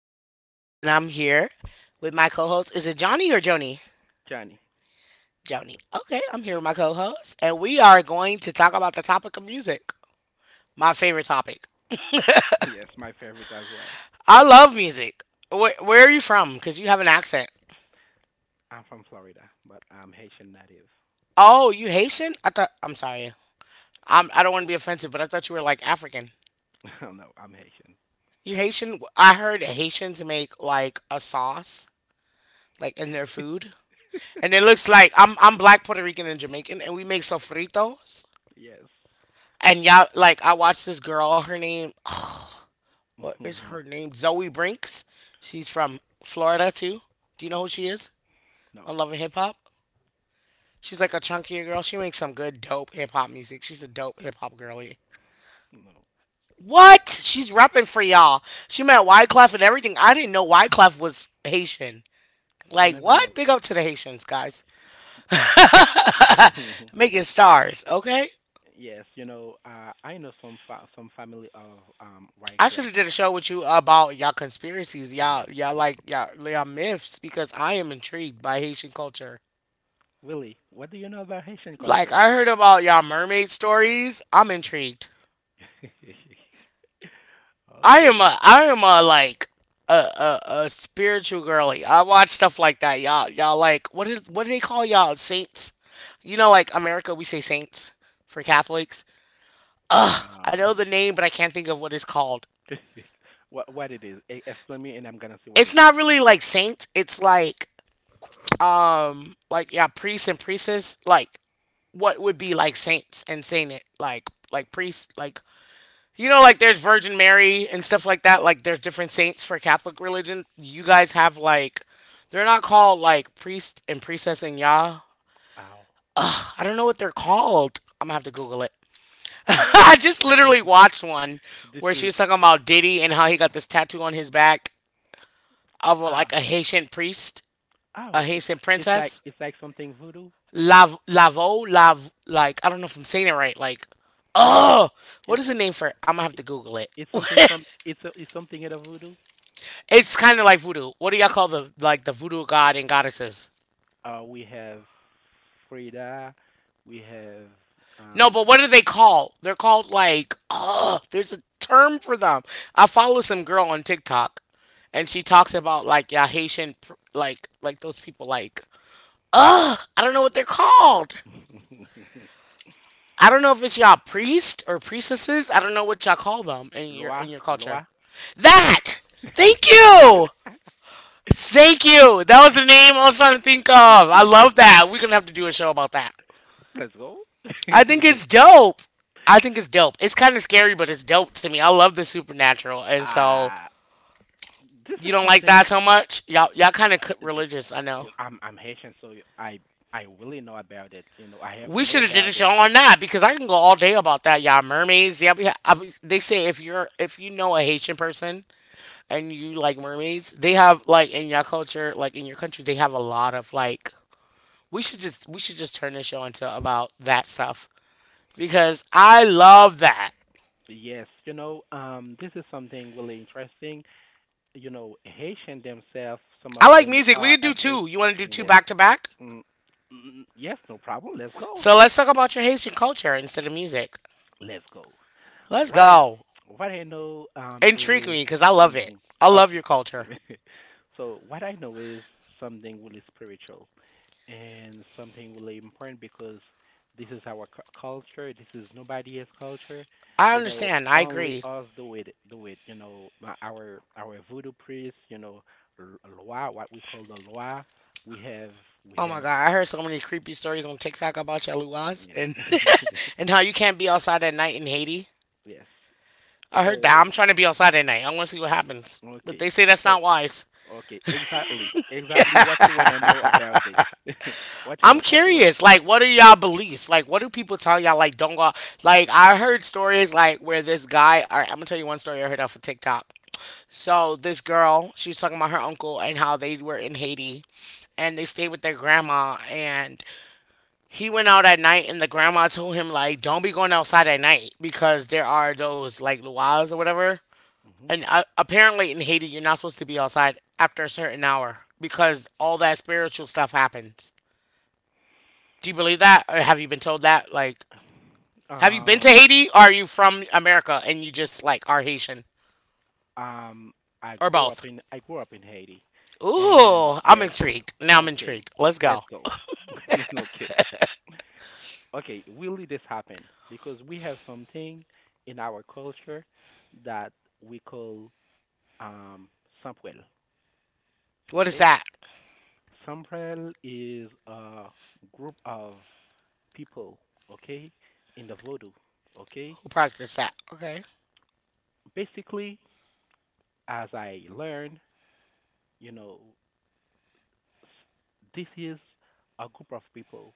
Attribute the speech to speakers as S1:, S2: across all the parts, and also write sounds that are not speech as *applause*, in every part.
S1: Veronica, your host, and I'm here with my co host. Is it Johnny or Joni?
S2: Johnny.
S1: Joni. Okay, I'm here with my co host, and we are going to talk about the topic of music, my favorite topic.
S2: Yes, my favorite as well.
S1: *laughs* I love music. Where are you from? Because you have an accent.
S2: I'm from Florida, but I'm Haitian native.
S1: Oh, you Haitian? I thought, I'm sorry. I don't want to be offensive, but I thought you were like African.
S2: *laughs* No, I'm Haitian.
S1: You Haitian? I heard Haitians make like a sauce, like in their food. And it looks like I'm black, Puerto Rican, and Jamaican, and we make sofritos.
S2: Yes.
S1: And y'all, like I watched this girl. Her name,
S2: *laughs*
S1: what is
S2: Okay.
S1: her name? Zoe Brinks. She's from Florida too. Do you know who she is? On
S2: No,
S1: Love and Hip Hop. She's like a chunkier girl. She makes some good dope hip hop music. She's a dope hip hop girlie.
S2: no.
S1: What? She's repping for y'all. She met Wyclef and everything. I didn't know Wyclef was Haitian.
S2: You
S1: Like
S2: never
S1: what?
S2: know.
S1: Big up to the Haitians, guys.
S2: *laughs*
S1: Making stars, okay?
S2: Yes, I know some family of
S1: I should
S2: Wycliffe.
S1: have did a show with you about y'all conspiracies,
S2: Yes.
S1: y'all like y'all myths because I am intrigued by Haitian culture.
S2: Willie, what do you know about Haitian
S1: Like
S2: culture?
S1: I heard about y'all mermaid stories. I'm intrigued.
S2: *laughs*
S1: I am
S2: Okay.
S1: a I am a like a spiritual girly. I watch stuff like that. Y'all like what do they call y'all saints? You know, like America, we say saints for Catholics. I know the
S2: Um,
S1: name, but I can't think of what it's called.
S2: *laughs* what it is? Explain me, and I'm gonna see what
S1: It's
S2: it
S1: not
S2: is.
S1: really like saints. It's like yeah priests and priestess like what would be like saints and sainted, like priests, like you know, like there's Virgin Mary and stuff like that. Like there's different saints for Catholic religion. You guys have like they're not called like priest and priestess and Yah.
S2: Ow.
S1: I don't know what they're called. I'm gonna have to Google it. *laughs*
S2: It,
S1: I just literally watched one
S2: this
S1: where she
S2: is
S1: was talking about Diddy and how he got this tattoo on his back of a,
S2: ah.
S1: like a Haitian priest, a
S2: Oh,
S1: Haitian
S2: it's like
S1: princess.
S2: it's like something voodoo.
S1: Lav Lavo Lav like I don't know if I'm saying it right. Like, oh, what is
S2: It's
S1: the name for it? I'm gonna have to Google it.
S2: it's
S1: *laughs*
S2: something from it's a, it's something in a voodoo.
S1: It's kind of like voodoo. What do y'all call the voodoo god and goddesses?
S2: We have Frida, we have
S1: No, but
S2: um
S1: what are they called? They're called like oh, there's a term for them. I follow some girl on TikTok, and she
S2: okay,
S1: talks about like yeah Haitian like those people like oh I don't know what they're called.
S2: *laughs*
S1: I don't know if it's y'all priest or priestesses. I don't know what y'all call them in your in
S2: Loa,
S1: your culture.
S2: Loa.
S1: That. Thank you. Thank you. That was the name I was trying to think of. I love that. We're gonna have to do a show about that.
S2: Let's go.
S1: I think it's
S2: *laughs*
S1: dope. I think it's dope. It's kind of scary, but it's dope to me. I love the supernatural, and so
S2: Ah, this
S1: you
S2: is
S1: don't like
S2: something.
S1: that so much. Y'all kind of
S2: j-
S1: religious. I know.
S2: I'm Haitian, so I really know about it. You know, I have to
S1: We
S2: know
S1: should have did a
S2: about
S1: show
S2: it.
S1: on that because I can go all day about that. Y'all mermaids. Yeah, yeah. They say if you know a Haitian person, and you like mermaids, they have like in your culture, like in your country, they have a lot of like we should just turn this show into about that stuff because I love that.
S2: Yes, this is something really interesting. Haitian themselves, some
S1: I
S2: of
S1: like
S2: them
S1: music. We
S2: are
S1: could do
S2: afraid.
S1: two. You want to do two
S2: Yes.
S1: back to back?
S2: Mm, mm, yes, no problem. Let's go.
S1: So let's talk about your Haitian culture instead of music.
S2: Let's go.
S1: Let's
S2: What I
S1: go.
S2: what I know
S1: Intrigue
S2: is
S1: me because I love it.
S2: mhm,
S1: I love your
S2: okay.
S1: culture.
S2: *laughs* So what I know is something really spiritual. And something really important because this is our culture. This is nobody else's culture.
S1: I
S2: You know,
S1: understand. I
S2: only
S1: agree.
S2: us do it. Do it. You know, our voodoo priest. You know, loa, what we call the loa. We have we
S1: Oh my
S2: have
S1: god, I heard so many creepy stories on TikTok about your luas
S2: yeah.
S1: and
S2: *laughs*
S1: *laughs* and how you can't be outside at night in Haiti.
S2: Yes.
S1: I heard that.
S2: So,
S1: I'm trying to be outside at night. I want to see what happens. But
S2: okay.
S1: they say that's
S2: So,
S1: not wise.
S2: okay. Exactly. Exactly what you wanna know about this. *laughs* What you
S1: I'm
S2: know. What you wanna.
S1: curious. Like, what are y'all beliefs? Like, what do people tell y'all? Like, don't go. Like, I heard stories like where this guy. All right, I'm gonna tell you one story I heard off of TikTok. So this girl, she was talking about her uncle and how they were in Haiti, and they stayed with their grandma. And he went out at night, and the grandma told him like, "Don't be going outside at night because there are those like luas or whatever."
S2: Hmm.
S1: And apparently in Haiti, you're not supposed to be outside after a certain hour because all that spiritual stuff happens. Do you believe that, or have you been told that? Like, have you been to
S2: Um.
S1: Haiti? Or are you from America and you just like are Haitian,
S2: Um, I
S1: or
S2: grew up
S1: both?
S2: in I grew up in Haiti, and
S1: Ooh, I'm
S2: yes,
S1: intrigued. Now I'm
S2: okay,
S1: intrigued. Let's
S2: let's
S1: go.
S2: go. *laughs* Okay, okay, really this happened because we have something in our culture that we call um samprel.
S1: What is
S2: Okay,
S1: that?
S2: samprel is a group of people. Okay, in the voodoo. Okay,
S1: Who practiced that? Okay.
S2: basically, as I learned, you know, this is a group of people,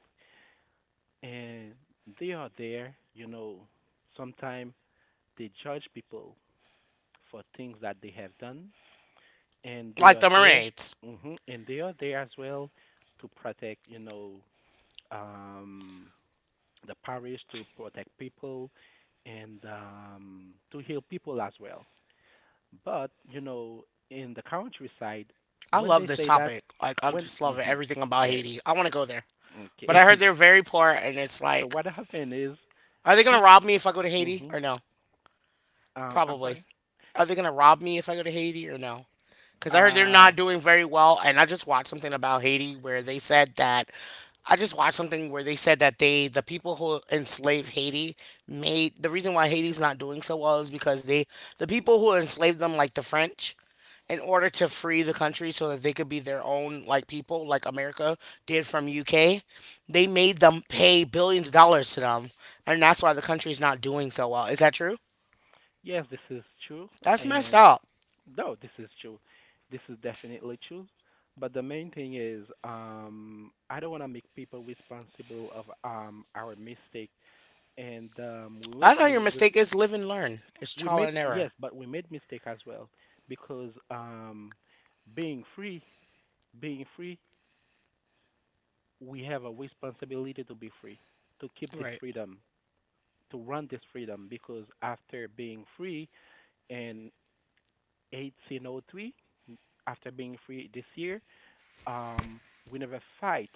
S2: and they are there, you know, sometimes they judge people for things that they have done, and they
S1: Like
S2: are
S1: the
S2: there,
S1: Marines.
S2: and they are there as well to protect, um, the parish, to protect people, and, to heal people as well. But, you know, in the countryside,
S1: I
S2: when
S1: love
S2: they
S1: this
S2: say that,
S1: topic. Like, I
S2: when,
S1: just love
S2: mhm,
S1: everything about
S2: yes,
S1: Haiti. I want to go there. But I heard
S2: okay.
S1: they're very poor, and it's
S2: *laughs* So
S1: like,
S2: what happened is,
S1: are they going to
S2: people.
S1: rob me if I go to Haiti
S2: hmm
S1: or no?
S2: um, I'm
S1: Probably.
S2: sorry.
S1: Are they gonna rob me if I go to Haiti or no? Because I heard they're
S2: Uh,
S1: not doing very well, and I just watched something about Haiti where they said that. I just watched something where they said that they, the people who enslaved Haiti, made the reason why Haiti's not doing so well is because they, the people who enslaved them, like the French, in order to free the country so that they could be their own like people like America did from UK, they made them pay billions of dollars to them, and that's why the country's not doing so well. Is that true?
S2: yes, this is true,
S1: That's messed
S2: and
S1: up.
S2: no, this is true. This is definitely true. But the main thing is, I don't want to make people responsible of our mistake. And we made,
S1: That's how your
S2: we, we
S1: mistake is live and learn. It's
S2: we
S1: trial
S2: made
S1: and error.
S2: yes, but we made mistake as well because, being free, being free, we have a responsibility to be free, to keep this
S1: Right.
S2: freedom, to run this freedom. Because after being free, and 1803, after being free this year, um, we never fight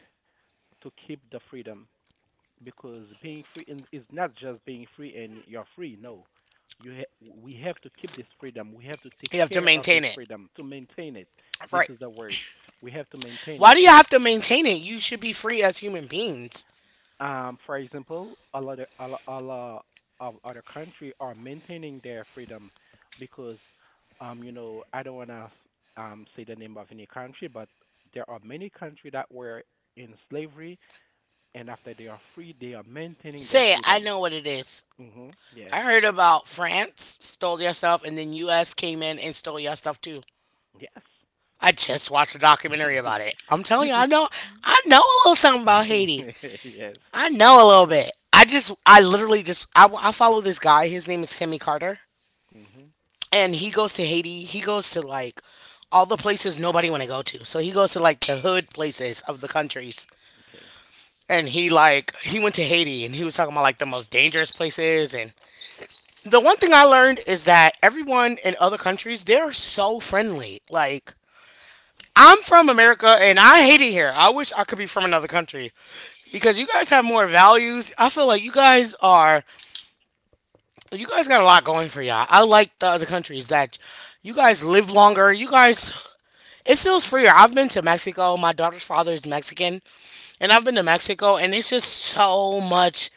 S2: to keep the freedom, because being free, is not just being free and you're free. No, we have to keep this freedom. We have to take
S1: You have to
S2: care of this
S1: maintain it.
S2: freedom to maintain it. This
S1: Right.
S2: is the word. We have to maintain
S1: Why
S2: it
S1: do you
S2: if
S1: have to maintain it? You should be free as human beings.
S2: For example, a lot of other country are maintaining their freedom because, I don't wanna say the name of any country, but there are many countries that were in slavery, and after they are free, they are maintaining their
S1: Say it. I
S2: freedom.
S1: know what it is.
S2: Hmm. Yeah.
S1: I heard about France stole your stuff and then US came in and stole your stuff too.
S2: Yes.
S1: I just watched a documentary
S2: *laughs*
S1: about it. I'm telling
S2: This
S1: you, I
S2: is.
S1: know a little something about Haiti.
S2: *laughs* Yes.
S1: I know a little bit. I just I literally just I follow this guy. His name is Timmy Carter.
S2: Hmm.
S1: And he goes to Haiti. He goes to like all the places nobody want to go to. So he goes to like the hood places of the countries.
S2: Okay.
S1: And he went to Haiti and he was talking about like the most dangerous places and the one thing I learned is that everyone in other countries they're so friendly. Like I'm from America and I hate it here. I wish I could be from another country because you guys have more values. I feel like you guys got a lot going for y'all. I like the other countries that you guys live longer. You guys it feels freer. I've been to Mexico. My daughter's father is Mexican, and I've been to Mexico, and it's just so much.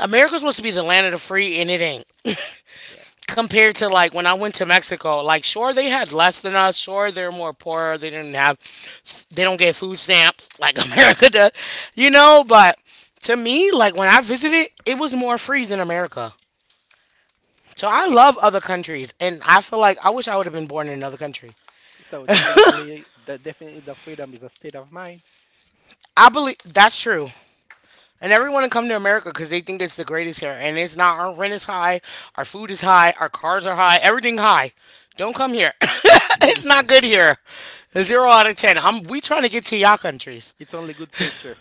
S1: America's supposed to be the land of the free, and it ain't. *laughs*
S2: Yeah.
S1: Compared to like when I went to Mexico, like sure they had less than us. Sure they're more poorer. They didn't have. They don't get food stamps like *laughs* America does, you know. But to me, like when I visited, it was more free than America. So I love other countries, and I feel like I wish I would have been born in another country.
S2: So definitely the freedom is a state of mind.
S1: I believe that's true. And
S2: Yes.
S1: everyone to come to America because they think it's the greatest here. And it's not. Our rent is high. Our food is high. Our cars are high. Everything high. Don't come here. *laughs*
S2: Yes.
S1: It's not good
S2: *laughs*
S1: here. Zero out of ten. We trying to get to y'all countries.
S2: It's only good picture.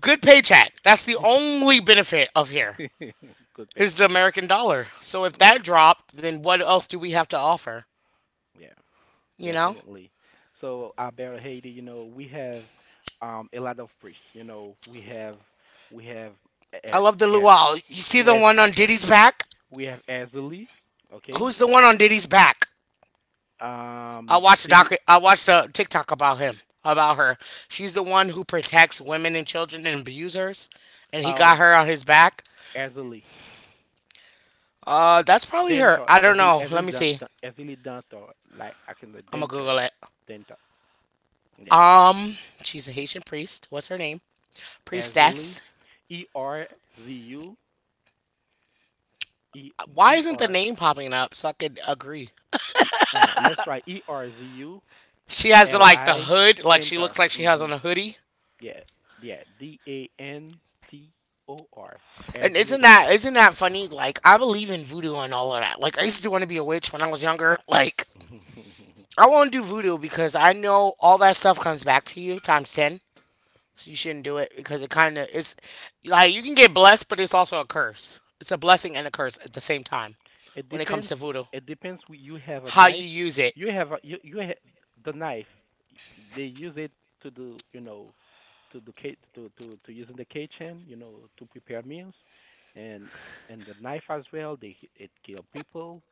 S1: Good paycheck. That's the only benefit of here
S2: *laughs* Good
S1: is the
S2: picture.
S1: American dollar. So if
S2: Yeah,
S1: that dropped, then what else do we have to offer?
S2: yeah,
S1: You know?
S2: definitely. So about Haiti, we have a lot of priests. You know, we have
S1: I
S2: uh
S1: love the
S2: a
S1: luau. You see the
S2: US,
S1: one on Diddy's back?
S2: we have Azali, okay?
S1: Who's the one on Diddy's back? I watched a
S2: Did
S1: doc.
S2: it
S1: I watched a TikTok about him, about her. She's the one who protects women and children and abusers, and he got
S2: um
S1: her on his back.
S2: Azali
S1: That's probably her.
S2: Dentor,
S1: I don't
S2: Azali,
S1: know. Let
S2: Azali,
S1: me see.
S2: Azali Dentor, like I can the
S1: I'm gonna
S2: Dentor
S1: Google it.
S2: Dentor. Yeah.
S1: Um, she's a Haitian priest. What's her name?
S2: Azali
S1: Priestess.
S2: E R Z U E
S1: Why
S2: E
S1: isn't the
S2: R
S1: name popping up so I could agree?
S2: Let's try E R Z U
S1: She has the
S2: L
S1: like the
S2: I
S1: hood, like she
S2: Dentor.
S1: looks like she has
S2: Mm-hmm.
S1: on a hoodie.
S2: Yeah, yeah. DANTOR.
S1: And
S2: Azuli
S1: isn't that
S2: Dentor.
S1: isn't that funny? Like I believe in voodoo and all of that. Like I used to want to be a witch when I was younger. Like
S2: *laughs*
S1: I won't do voodoo because I know all that stuff comes back to you times 10. So you shouldn't do it because it kind of is like you can get blessed, but it's also a curse. It's a blessing and a curse at the same time
S2: It
S1: when it comes
S2: depends.
S1: to voodoo.
S2: It depends. You have a
S1: How you
S2: knife.
S1: use it.
S2: You have a, you ha- The knife. They use it to do you know to do ca- to use in the kitchen. You know, to prepare meals, and the knife as well. It kill people.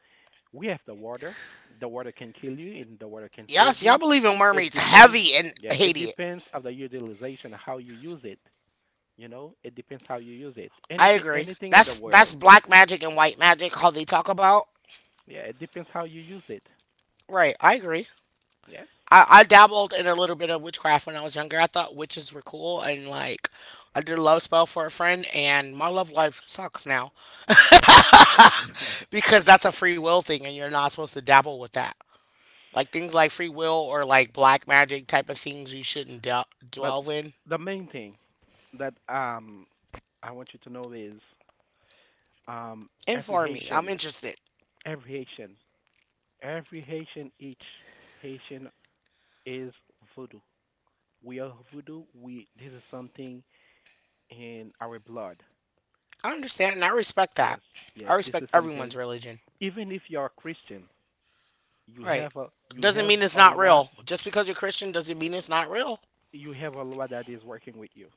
S2: We have the water. The water can kill you, and the water can save
S1: Yes, y'all
S2: you.
S1: believe in
S2: It
S1: mermaids
S2: depends.
S1: heavy and
S2: Yeah, it
S1: hate it.
S2: depends of the utilization, how you use it. You know, it depends how you use it.
S1: I
S2: Anything,
S1: agree.
S2: anything in the
S1: That's
S2: world.
S1: black magic and white magic how they talk about.
S2: Yeah, it depends how you use it.
S1: Right, I agree.
S2: Yes.
S1: I dabbled in a little bit of witchcraft when I was younger. I thought witches were cool and like I did a love spell for a friend and my love life sucks now,
S2: Yeah. *laughs*
S1: because that's a free will thing and you're not supposed to dabble with that. Like things like free will or like black magic type of things you shouldn't
S2: But
S1: delve in.
S2: the main thing that I want you to know is every
S1: Inform me. I'm
S2: Haitian,
S1: interested.
S2: every Haitian, every Haitian, each Haitian is voodoo. We are voodoo. We This is something in our blood.
S1: I understand and I respect
S2: Yes,
S1: that. I
S2: yes, this is
S1: respect
S2: something.
S1: everyone's religion.
S2: Even if you are Christian,
S1: Right.
S2: you
S1: Doesn't
S2: have
S1: mean it's
S2: a
S1: not
S2: law,
S1: real. Just because you're Christian doesn't mean it's not real.
S2: you have a law that is working with you.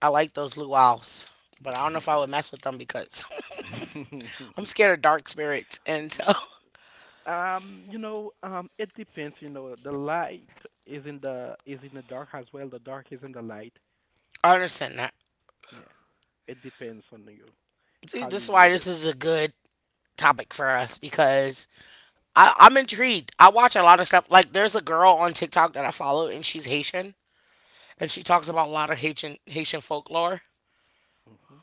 S1: I like those luau's, but I don't
S2: *laughs*
S1: know if I
S2: Yeah.
S1: would mess with them because *laughs* I'm
S2: *laughs*
S1: scared of dark spirits. And so *laughs*
S2: It depends. You know, the light is in the dark as well. The dark is in the light.
S1: I understand that.
S2: Yeah, it depends on you
S1: See,
S2: how you
S1: this is why
S2: use
S1: this
S2: it.
S1: is a good topic for us because I'm intrigued. I watch a lot of stuff. Like there's a girl on TikTok that I follow, and she's Haitian, and she talks about a lot of Haitian folklore.
S2: Hmm.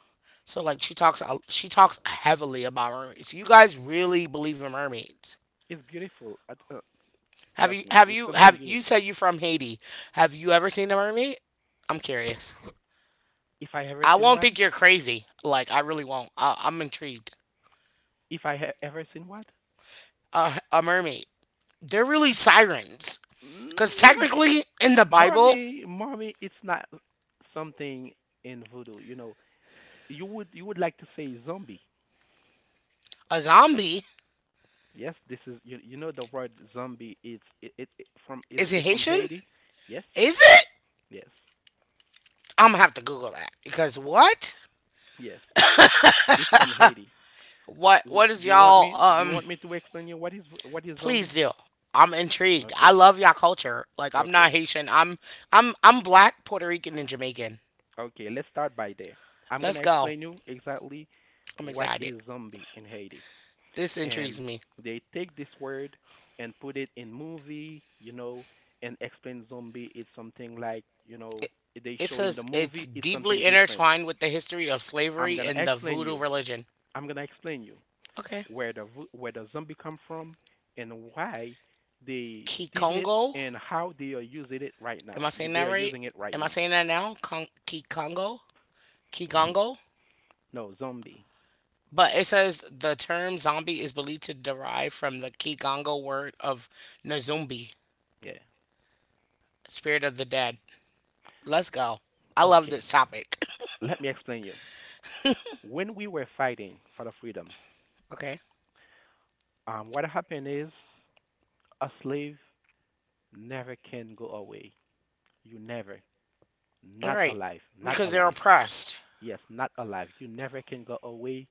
S1: So like she talks heavily about mermaids. You guys really believe in mermaids?
S2: It's beautiful.
S1: Have
S2: Trust
S1: you
S2: me,
S1: have
S2: it's
S1: you
S2: something
S1: have you
S2: beautiful.
S1: said you are from Haiti? Have you ever seen a mermaid? I'm curious.
S2: If I ever
S1: I
S2: seen
S1: won't
S2: what?
S1: think you're crazy. Like I really won't. I'm intrigued.
S2: If ever seen what?
S1: A mermaid. They're really sirens.
S2: Mm,
S1: Cause
S2: no,
S1: technically in the Bible,
S2: Marmy, Marmy, it's not something in voodoo. You know, you would like to say zombie.
S1: a zombie
S2: Yes, this is, you know, the word zombie, is it, it, it from
S1: is a
S2: is from
S1: Haitian.
S2: Haiti. Yes,
S1: Is it?
S2: yes,
S1: I'm gonna have to Google that because what?
S2: yes. It's from Haiti.
S1: What? What is
S2: Do you want
S1: y'all?
S2: me? Do you
S1: Um,
S2: want me to explain you what is
S1: please
S2: zombie?
S1: do. I'm intrigued. I
S2: Okay,
S1: love y'all culture. Like I'm not
S2: okay,
S1: Haitian. I'm black, Puerto Rican, and Jamaican.
S2: okay. Let's start by there. I'm
S1: Let's
S2: gonna
S1: go.
S2: explain you exactly
S1: I'm
S2: what
S1: excited.
S2: is zombie in Haiti.
S1: This
S2: And
S1: intrigues me.
S2: they take this word and put it in movie, and explain zombie is something like, they
S1: It
S2: show in the
S1: says it's
S2: movie it's something
S1: deeply
S2: different.
S1: intertwined with the history of
S2: I'm
S1: slavery
S2: gonna
S1: and the
S2: explain
S1: voodoo
S2: you.
S1: religion.
S2: I'm gonna explain you
S1: Okay.
S2: where the zombie come from, and why they did it,
S1: Kikongo.
S2: and how they are using it right
S1: Am
S2: now.
S1: I saying that
S2: They are
S1: right?
S2: using it right
S1: Am I
S2: now.
S1: saying that now? Kikongo?
S2: *laughs* Mhm.
S1: Kikongo?
S2: No zombie.
S1: But it says the term zombie is believed to derive from the Kigongo word of Nzumbi,
S2: Yeah.
S1: spirit of the dead. Let's go. I love
S2: Okay.
S1: this topic. *laughs*
S2: Let me explain you. When we were fighting for the freedom,
S1: Okay.
S2: what happened is a slave never can go away. You never,
S1: All
S2: not
S1: right.
S2: alive, not
S1: Because they're
S2: alive.
S1: oppressed.
S2: Yes, not alive. You never can go away,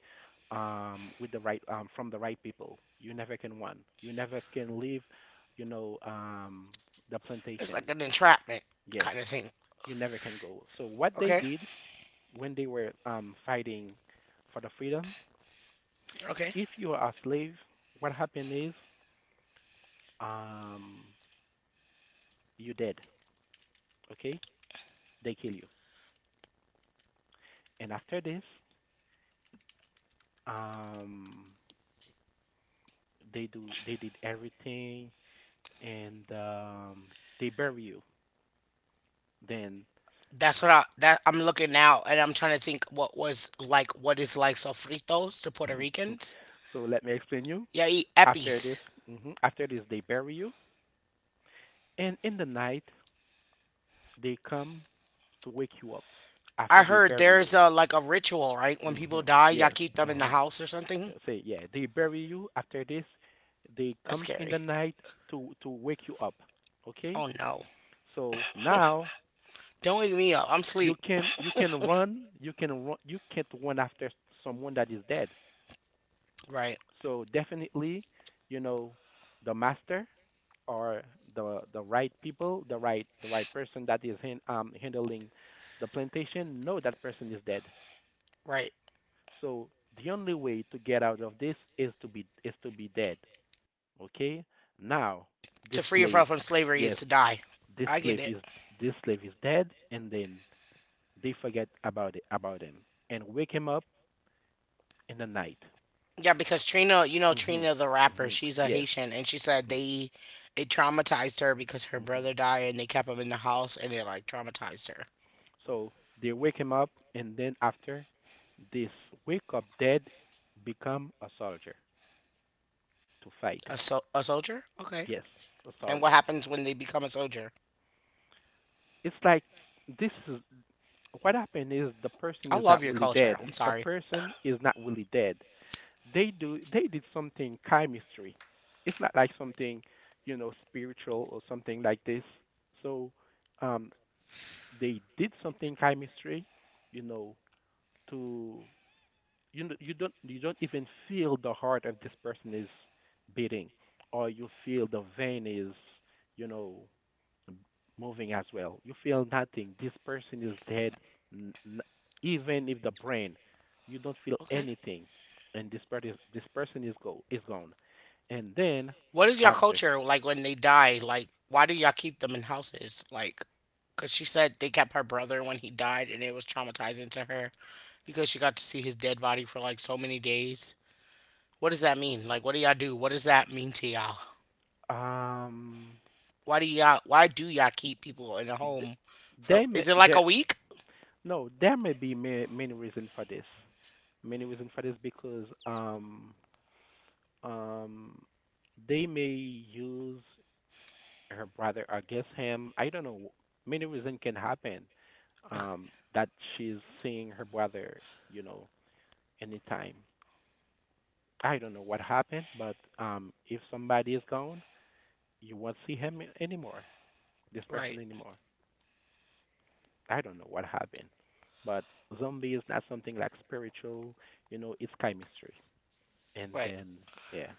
S2: with the right from the right people. You never can run. You never can leave. You know, the
S1: It's
S2: plantation.
S1: like an entrapment
S2: Yes,
S1: kind of thing.
S2: you never can go. So what they
S1: Okay.
S2: did when they were, fighting for the freedom,
S1: Okay.
S2: if you are a slave, what happened is, um, you dead. Okay, they kill you. And after this, um, they did everything, and, they bury you, then
S1: That's what I'm looking now, and I'm trying to think what was like what is like sofritos to Puerto
S2: *laughs*
S1: Ricans.
S2: so let me explain you,
S1: Yeah, eat
S2: after this,
S1: epis.
S2: mhm, after this they bury you, and in the night they come to wake you up
S1: I
S2: after they
S1: heard
S2: bury
S1: there's
S2: you.
S1: a like a ritual, right? When people
S2: Hmm.
S1: die, y'all
S2: Yes.
S1: keep them in the
S2: Hmm.
S1: house or something.
S2: Say, yeah, they bury you. After this, they
S1: That's
S2: come in
S1: scary.
S2: the night to wake you up. Okay.
S1: Oh no.
S2: So now,
S1: Don't wake me up. I'm
S2: you
S1: asleep.
S2: can you can run, you can run, you can't run after someone that is dead.
S1: Right,
S2: So definitely, you know, the master, or the right people, the right person that is handling the plantation, know that person is dead.
S1: right.
S2: So the only way to get out of this is to be dead. Okay? Now
S1: To
S2: this
S1: free yourself
S2: slave,
S1: from slavery is
S2: yes,
S1: to die.
S2: this
S1: I get
S2: slave
S1: it.
S2: is this slave is dead, and then they forget about it, about him, and wake him up in the night.
S1: Yeah, because Trina, you know
S2: Mhm.
S1: Trina the rapper,
S2: Mhm.
S1: she's a
S2: Yes.
S1: Haitian, and she said they it traumatized her because her
S2: Mhm.
S1: brother died and they kept him in the house and it like traumatized her.
S2: So they wake him up, and then after this wake up dead, become a soldier to
S1: A
S2: fight.
S1: So a soldier? Okay.
S2: Yes, a
S1: And what
S2: soldier.
S1: happens when they become a soldier?
S2: It's like, this is what happened is, the person
S1: I
S2: is
S1: love
S2: not
S1: your
S2: really
S1: culture.
S2: dead.
S1: I'm
S2: The
S1: sorry.
S2: person is not really dead. They did something chemistry. It's not like something, spiritual or something like this. So um they did something chemistry, you know, to you don't even feel the heart of this person is beating, or you feel the vein is you know m- moving as well. You feel nothing. This person is dead. N- n- Even if the brain, you don't feel
S1: Okay.
S2: anything, and this person is gone. And then
S1: What is your
S2: after,
S1: culture like when they die? Like, why do y'all keep them in houses? Like, cause she said they kept her brother when he died and it was traumatizing to her, because she got to see his dead body for like so many days. What does that mean? Like, what do y'all do? What does that mean to y'all?
S2: um,
S1: Why do y'all? Why do y'all keep people in a
S2: th-
S1: home for?
S2: they may
S1: Is it like a
S2: there,
S1: week?
S2: no, there may be many reasons for this. Many reasons for this because Um, they may use her brother against him. I don't know. Many reasons can happen. That she's seeing her brother, you know, anytime. I don't know what happened, but, if somebody is gone, you won't see him anymore. This person
S1: *laughs* Right,
S2: anymore. I don't know what happened, but zombie is not something like spiritual. You know, it's chemistry. And
S1: right.
S2: then, yeah,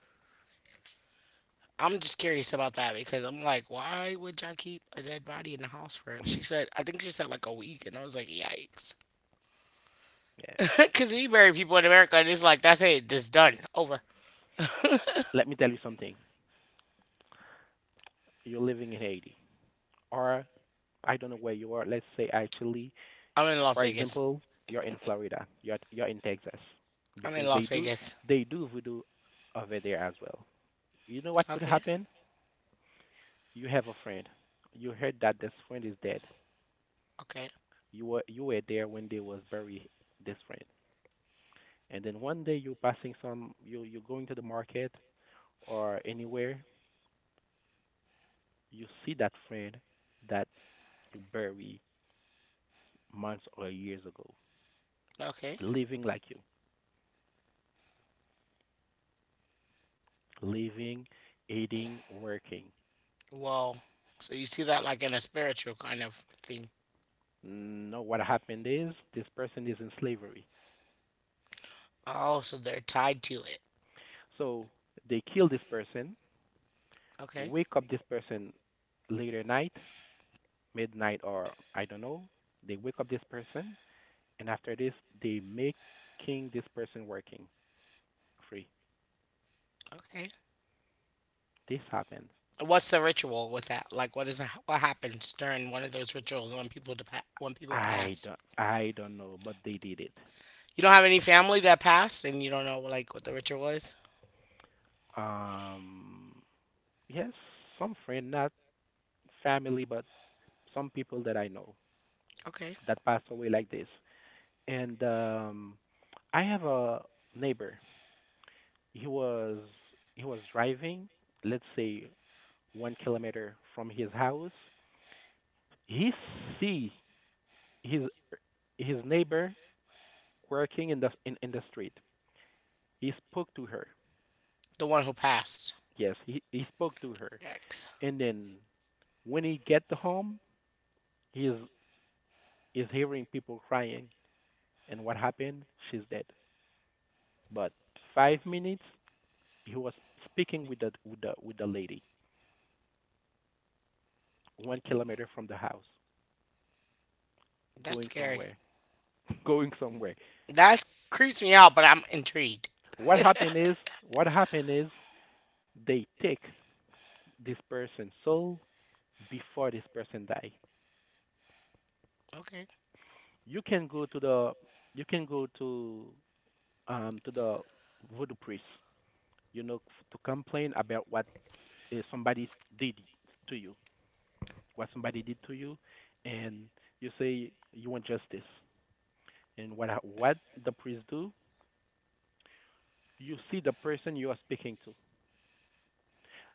S1: I'm just curious about that because I'm like, why would y'all keep a dead body in the house for? She said, I think she said like a week, and I was like, yikes.
S2: yeah.
S1: *laughs* Because we bury people in America, and it's like that's it, just done, over.
S2: Let me tell you something. You're living in Haiti, or I don't know where you are. Let's say actually,
S1: I'm in Las
S2: for
S1: Vegas.
S2: example, you're in Florida, you're in Texas,
S1: I'm in
S2: because they
S1: Las
S2: do
S1: Vegas.
S2: they do voodoo over there as well. You know what could
S1: Okay,
S2: happen? You have a friend. You heard that this friend is dead.
S1: okay,
S2: You were there when they was bury this friend, and then one day you're passing some you you're going to the market or anywhere, you see that friend that you bury months or years ago,
S1: okay.
S2: living like you. Living, eating, working.
S1: Well, so you see that like in a spiritual kind of thing.
S2: No, what happened is this person is in slavery.
S1: Oh, so they're tied to it.
S2: So they kill this person,
S1: Okay.
S2: wake up this person later night, midnight or I don't know. They wake up this person, and after this, they making this person working free.
S1: Okay.
S2: This happened.
S1: What's the ritual with that? Like, what happens during one of those rituals when people
S2: I
S1: pass?
S2: don't, I don't know, but they did it.
S1: You don't have any family that passed, and you don't know like what the ritual is.
S2: Um, yes, some friend, not family, but some people that I know
S1: Okay,
S2: that passed away like this. And I have a neighbor. He was he was driving, let's say 1 kilometer from his house. He see his his neighbor working in the street. He spoke to her.
S1: the one who passed.
S2: Yes, he spoke to her.
S1: Yikes,
S2: And then when he get home, he is hearing people crying. And what happened? She's dead. But 5 minutes, he was speaking with the lady 1 kilometer from the house.
S1: that's
S2: Going
S1: scary.
S2: somewhere. *laughs* Going somewhere.
S1: That creeps me out, but I'm intrigued.
S2: What happened is, they take this person's soul before this person die.
S1: Okay.
S2: You can go to the, you can go to to the voodoo priest, you know, to complain about what somebody did to you, what somebody did to you, and you say you want justice. And what the priest do? You see the person you are speaking to.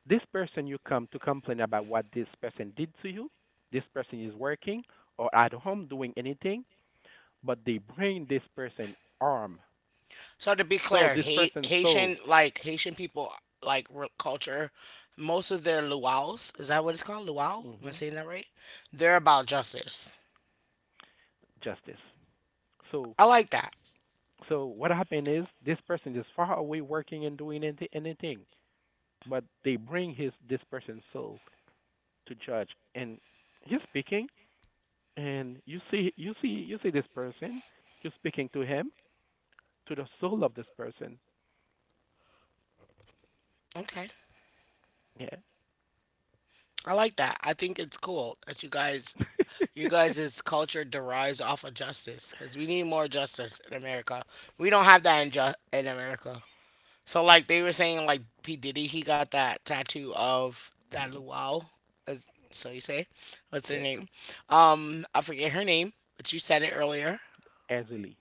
S2: This person you come to complain about what this person did to you, this person is working or at home doing anything, but they bring this person arm.
S1: So to be
S2: So
S1: clear,
S2: this person's soul.
S1: Haitian like Haitian people like culture, most of their luau's is that what it's called? Luau? Am I
S2: Hmm.
S1: saying that right? They're about justice.
S2: Justice. So,
S1: I like that.
S2: so what happened is this person is far away working and doing anything, but they bring his this person's soul to judge, and he's speaking, and you see this person, you're speaking to him, to the soul of this person.
S1: Okay,
S2: Yeah.
S1: I like that. I think it's cool that
S2: *laughs*
S1: you guys' culture derives off of justice because we need more justice in America. We don't have that in in America. So like they were saying, like P Diddy, he got that tattoo of that luau, as so you say. What's
S2: Yeah.
S1: her name? I forget her name, but you said it earlier.
S2: Easily.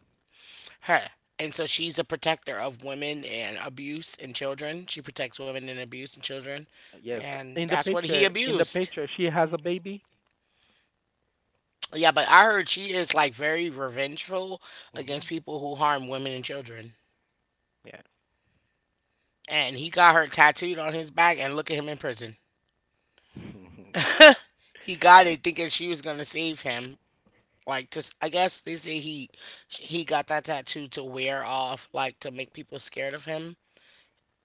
S1: Her. And so she's a protector of women and abuse and children. She protects women and abuse and children,
S2: Yes.
S1: and
S2: In the
S1: that's what he
S2: picture, in the
S1: abused.
S2: picture, she has a baby.
S1: Yeah, but I heard she is like very revengeful
S2: Hmm.
S1: against people who harm women and children.
S2: Yeah.
S1: And he got her tattooed on his back, and look at him in prison.
S2: *laughs* Yeah.
S1: He got it thinking she was gonna save him. Like just I guess they say he got that tattoo to wear off, like to make people scared of him,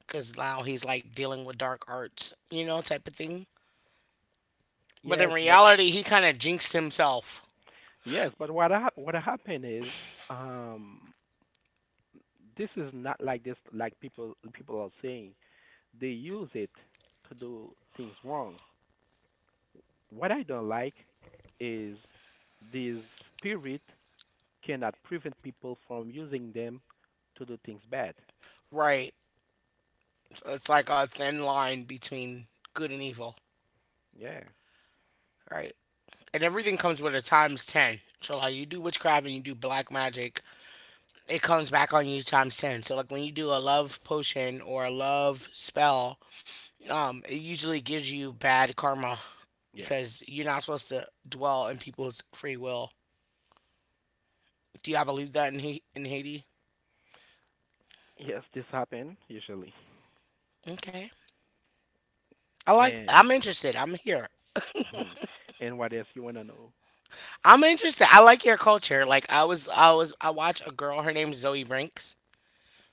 S1: because now he's like dealing with dark arts, you know, type of thing. But
S2: Yes,
S1: in
S2: but
S1: reality, he kind of jinxed himself,
S2: yes, but what happened is, um, this is not like this, like people people are saying. They use it to do things wrong. What I don't like is this spirit cannot prevent people from using them to do things bad.
S1: right? So it's like a thin line between good and evil,
S2: Yeah.
S1: right? And everything comes with a times 10. So like you do witchcraft and you do black magic, it comes back on you times 10. So like when you do a love potion or a love spell, it usually gives you bad karma
S2: Yeah.
S1: because you're not supposed to dwell in people's free will. Do y'all believe that in in Haiti?
S2: Yes, this happen usually.
S1: Okay. I like.
S2: And
S1: I'm interested. I'm here.
S2: mhm. And what else you wanna know?
S1: I'm interested. I like your culture. Like I watched a girl. Her name's Zoe Brinks.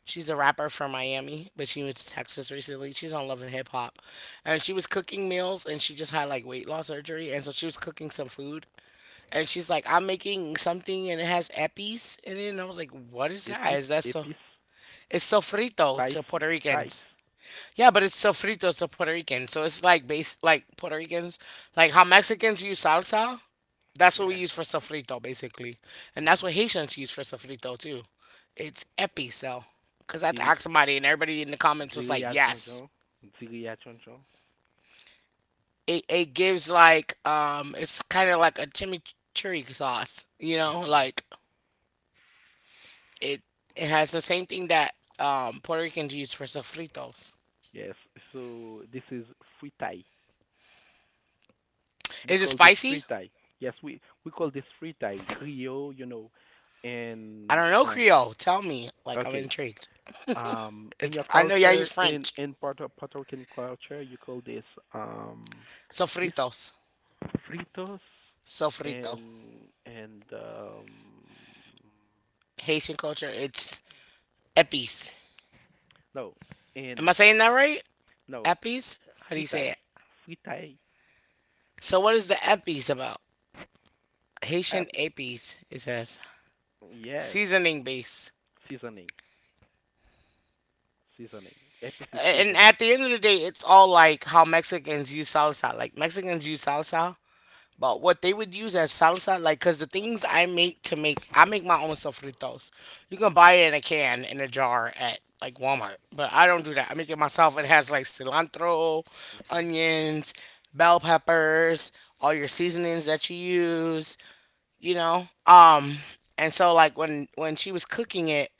S1: She's a rapper from Miami, but she went to Texas recently. She's on Love and Hip Hop, and she was cooking meals, and she just had like weight loss surgery, and so she was cooking some food, and she's like, "I'm making something, and it has epis in it," and I was like, "What is
S2: Epis,
S1: that? Is that so?"
S2: epis,
S1: It's sofrito to
S2: spice,
S1: Puerto Ricans.
S2: spice.
S1: Yeah, but it's sofritos to Puerto Rican. So it's like base like Puerto Ricans, like how Mexicans use salsa, that's what
S2: Yeah.
S1: we use for sofrito basically. And
S2: Mm-hmm.
S1: that's what Haitians use for sofrito too. It's episo. Cuz I had to
S2: Ziri,
S1: ask somebody and everybody in the comments was like,
S2: ziriya jonjon,
S1: "Yes."
S2: ziriya jonjon.
S1: It gives like it's kind of like a chimichurri sauce,
S2: Mhm.
S1: like it it has the same thing that Puerto Ricans use for sofritos.
S2: Yes. So this is fritai. We
S1: Is it
S2: call this
S1: spicy?
S2: fritai. Yes, we call this fritai, griot, you know.
S1: I
S2: And
S1: don't know, Creole. Tell me. Like I'm
S2: okay.
S1: intrigued.
S2: In
S1: It's
S2: your
S1: I know y'all
S2: culture,
S1: use
S2: in
S1: French.
S2: in Puerto Rican culture, you call this um, this
S1: Sofritos.
S2: fritos
S1: Sofrito.
S2: and and
S1: Haitian culture, it's epis.
S2: no
S1: Am
S2: and
S1: I saying that right?
S2: no
S1: Epis? How do you say
S2: fritai
S1: it?
S2: fritai
S1: So what is the epis about?
S2: ep,
S1: Haitian epis, it says.
S2: yes
S1: Seasoning base.
S2: seasoning seasoning epic
S1: And
S2: seasoning.
S1: at the end of the day, it's all like how Mexicans use salsa. Like Mexicans use salsa. But what they would use as salsa, like, cause the things I make I make my own sofritos. You can buy it in a can in a jar at like Walmart, but I don't do that. I make it myself. It has like cilantro,
S2: Mm-hmm.
S1: onions, bell peppers, all your seasonings that you use, you know. Um, and so like when she was cooking it,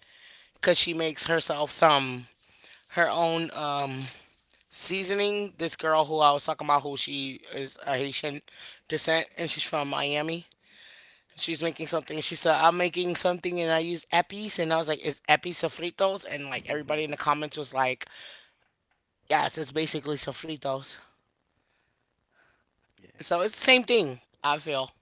S1: cause she makes herself some her own seasoning. This girl who I was talking about, who she is a Haitian descent, and she's from Miami, she's making something, and she said, "I'm making something and I use epis," and I was like, "Is epis sofritos?" And like everybody in the
S2: *laughs*
S1: comments was like, "Yes, it's basically sofritos."
S2: Yeah.
S1: So it's the same thing. I feel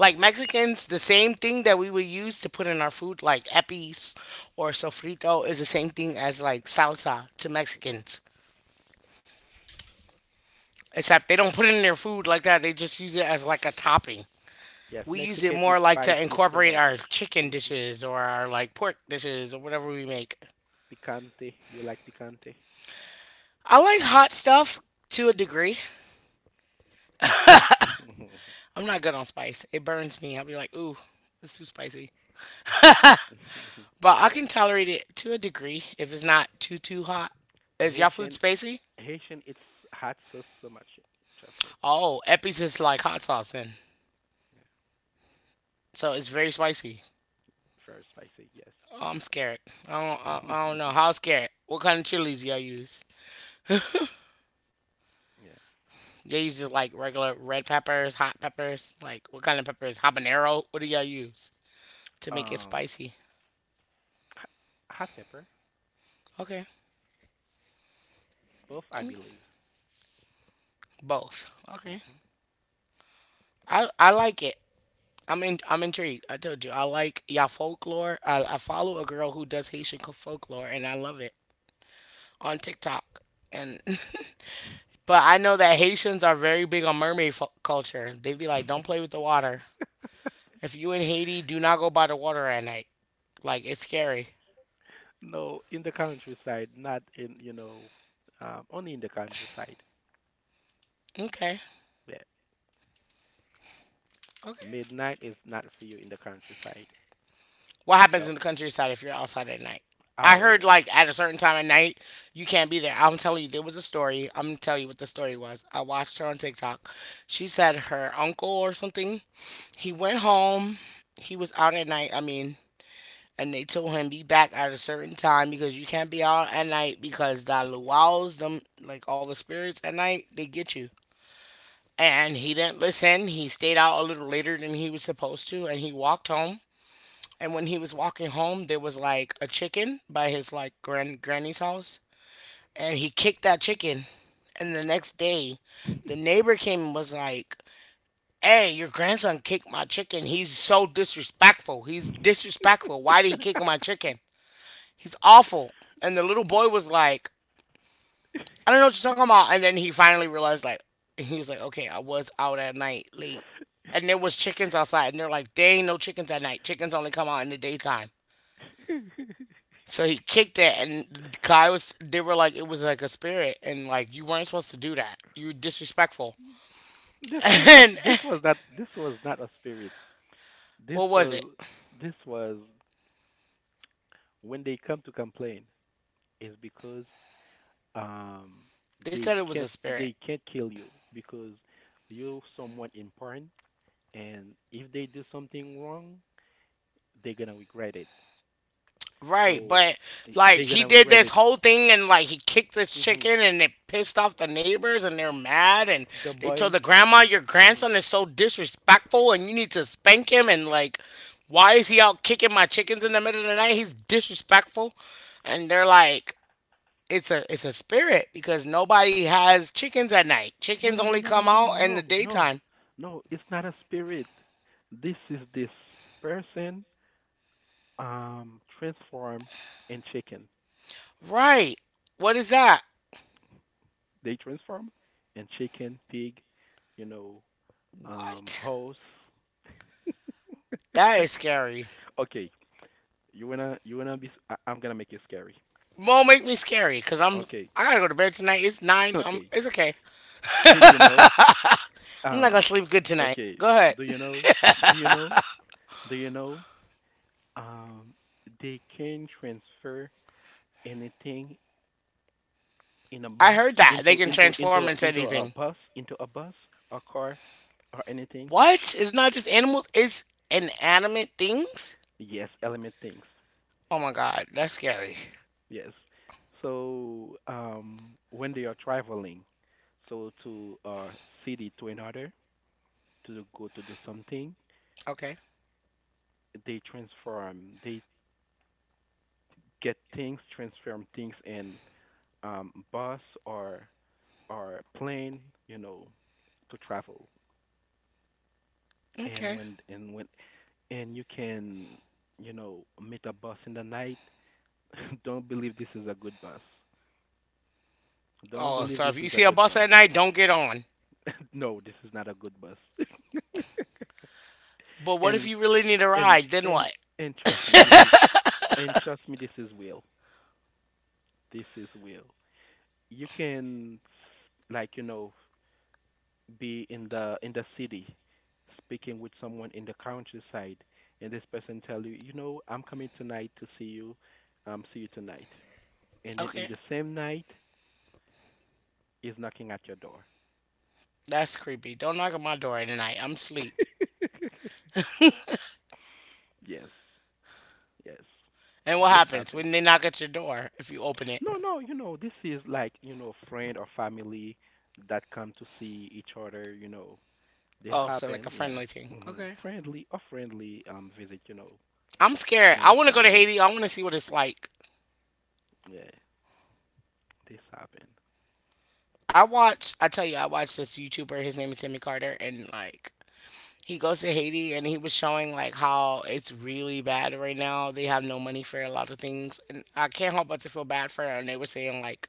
S1: like
S2: Yes.
S1: Mexicans, the same thing that we would use to put in our food like epis or sofrito is the same thing as like salsa to
S2: Yeah.
S1: Mexicans, except they don't put it in their food like that, they just use it as like a topping.
S2: Yes,
S1: We use it
S2: Mexican eat
S1: more like to
S2: spicy so
S1: incorporate
S2: much.
S1: our chicken
S2: Mm-hmm.
S1: dishes or our like pork dishes or whatever we make.
S2: Picante, you like picante?
S1: I like hot stuff to a degree.
S2: *laughs*
S1: I'm not good on spice. It burns me. I'll be like, ooh, it's too spicy. But I can tolerate it to a degree if it's not too too hot. Is y'all food
S2: Haitian
S1: spicy?
S2: Haitian it's hot sauce so much, trust me.
S1: Oh, Epi's is like hot sauce then,
S2: Yeah.
S1: so it's very spicy.
S2: Very spicy, yes.
S1: Oh, I'm scared. I don't. I don't know
S2: *laughs*
S1: how scared. What kind of chilies y'all use?
S2: Yeah.
S1: Y'all use just like regular red peppers, hot peppers. Like what kind of peppers? Habanero. What do y'all use to make it
S2: Um,
S1: spicy?
S2: h- Hot pepper,
S1: Okay,
S2: both, I believe.
S1: both. Okay,
S2: Hmm.
S1: I like it. I'm intrigued. I told you I like y'all folklore. I follow a girl who does Haitian folklore and I love it on TikTok. And *laughs* but I know that Haitians are very big on mermaid culture. They be like, don't play with the water. If you in Haiti, do not go by the water at night. Like it's scary.
S2: No, in the countryside, not in, you know, only in the countryside.
S1: Okay,
S2: Yeah.
S1: okay.
S2: Midnight is not for you in the countryside.
S1: What happens
S2: No.
S1: in the countryside if you're outside at night? I heard
S2: Oh,
S1: like at a certain time at night you can't be there. I'm telling you, there was a story. I'm gonna tell you what the story was. I watched her on TikTok. She said her uncle or something. He went home. He was out at night. I mean, and they told him be back at a certain time because you can't be out at night because the luau's them like all the spirits at night they get you. And he didn't listen. He stayed out a little later than he was supposed to, and he walked home. And when he was walking home, there was like a chicken by his like granny's house, and he kicked that chicken. And the next day, the neighbor came and was like, "Hey, your grandson kicked my chicken. He's so disrespectful. He's disrespectful. Why did he kick my chicken? He's awful." And the little boy was like, "I don't know what you're talking about." And then he finally realized, like, he was like, okay, I was out at night late. And there was chickens outside. And they're like, there ain't no chickens at night. Chickens only come out in the daytime. So he kicked it. And the guy was, they were like, it was like a spirit. And like, you weren't supposed to do that. You were disrespectful.
S2: this was not.
S1: *laughs* And
S2: This was not. This was not a spirit. This
S1: what was
S2: was.
S1: it?
S2: This was when they come to complain. Is because um
S1: They
S2: they
S1: said it was a
S2: can't
S1: spirit.
S2: they can't kill you because you're someone important and if they do something wrong, they're gonna regret it.
S1: Right,
S2: So
S1: but like
S2: they're
S1: he
S2: gonna
S1: did
S2: regret
S1: this
S2: it.
S1: whole thing and like he kicked this
S2: Hmm.
S1: chicken and it pissed off the neighbors and they're mad and
S2: The
S1: they told the
S2: boy,
S1: grandma your
S2: mhm.
S1: grandson is so disrespectful and you need to spank him and like why is he out kicking my chickens in the middle of the night? He's disrespectful. And they're like it's a spirit because nobody has chickens at night.
S2: No,
S1: Chickens
S2: no,
S1: only
S2: no, no,
S1: come
S2: no, no,
S1: out in the
S2: no, no,
S1: daytime.
S2: no. It's not a spirit. This is this person transform and chicken.
S1: Right. What is that?
S2: They transform and chicken, pig, you know,
S1: What?
S2: horse.
S1: That is scary.
S2: Okay, you wanna be? I am gonna make it scary.
S1: Won't make me scary because I'm
S2: Okay.
S1: I gotta go to bed tonight. It's
S2: *laughs*
S1: nine.
S2: Okay.
S1: It's okay.
S2: Did you know?
S1: I'm not gonna
S2: Um,
S1: sleep good tonight.
S2: Okay.
S1: Go ahead.
S2: Do you know? Do you know? Do you know? Um, they can transfer anything in a
S1: *laughs* I
S2: bus
S1: heard that they can transform into anything.
S2: into a bus or car or anything.
S1: What? It's not just animals. It's inanimate things.
S2: Yes, element things.
S1: Oh my god, that's scary.
S2: Yes. So when they are traveling, so to a city to another to go to do something,
S1: Okay.
S2: they transform. They get things, transform things in bus or or plane, you know, to travel. And
S1: Okay.
S2: when and when and you can, you know, meet a bus in the night. *laughs* Don't believe this is a good bus. Don't
S1: Oh,
S2: believe
S1: so
S2: this
S1: if you
S2: is a
S1: see a
S2: good
S1: bus
S2: bus.
S1: at night, don't get on.
S2: *laughs* No, this is not a good bus. *laughs*
S1: But what if
S2: and
S1: you really need a
S2: and
S1: ride? Then
S2: and
S1: what?
S2: and trust me, this is will. This is will. You can like you know be in the city speaking with someone in the countryside and this person tell you you know I'm coming tonight to see you, see you tonight, and then in
S1: Okay.
S2: the same night is knocking at your door.
S1: That's creepy. Don't knock at my door at night. I'm asleep.
S2: Yes. Yes,
S1: And what
S2: this
S1: happens
S2: happened.
S1: when they knock at your door if you open it?
S2: No, no, you know this is like you know friend or family that come to see each other, you know. This
S1: Oh, so like a
S2: happened, yeah.
S1: friendly thing.
S2: Hmm.
S1: Okay.
S2: Friendly or friendly visit, you know.
S1: I'm scared.
S2: Friend
S1: I
S2: or
S1: want to go to
S2: family,
S1: Haiti. I want to see what it's like.
S2: yeah. This happened,
S1: I watch. I tell you, I watch this YouTuber. His name is Timmy Carter, and like he goes to Haiti, and he was showing like how it's really bad right now. They have no money for a lot of things, and I can't help but to feel bad for her. And they were saying like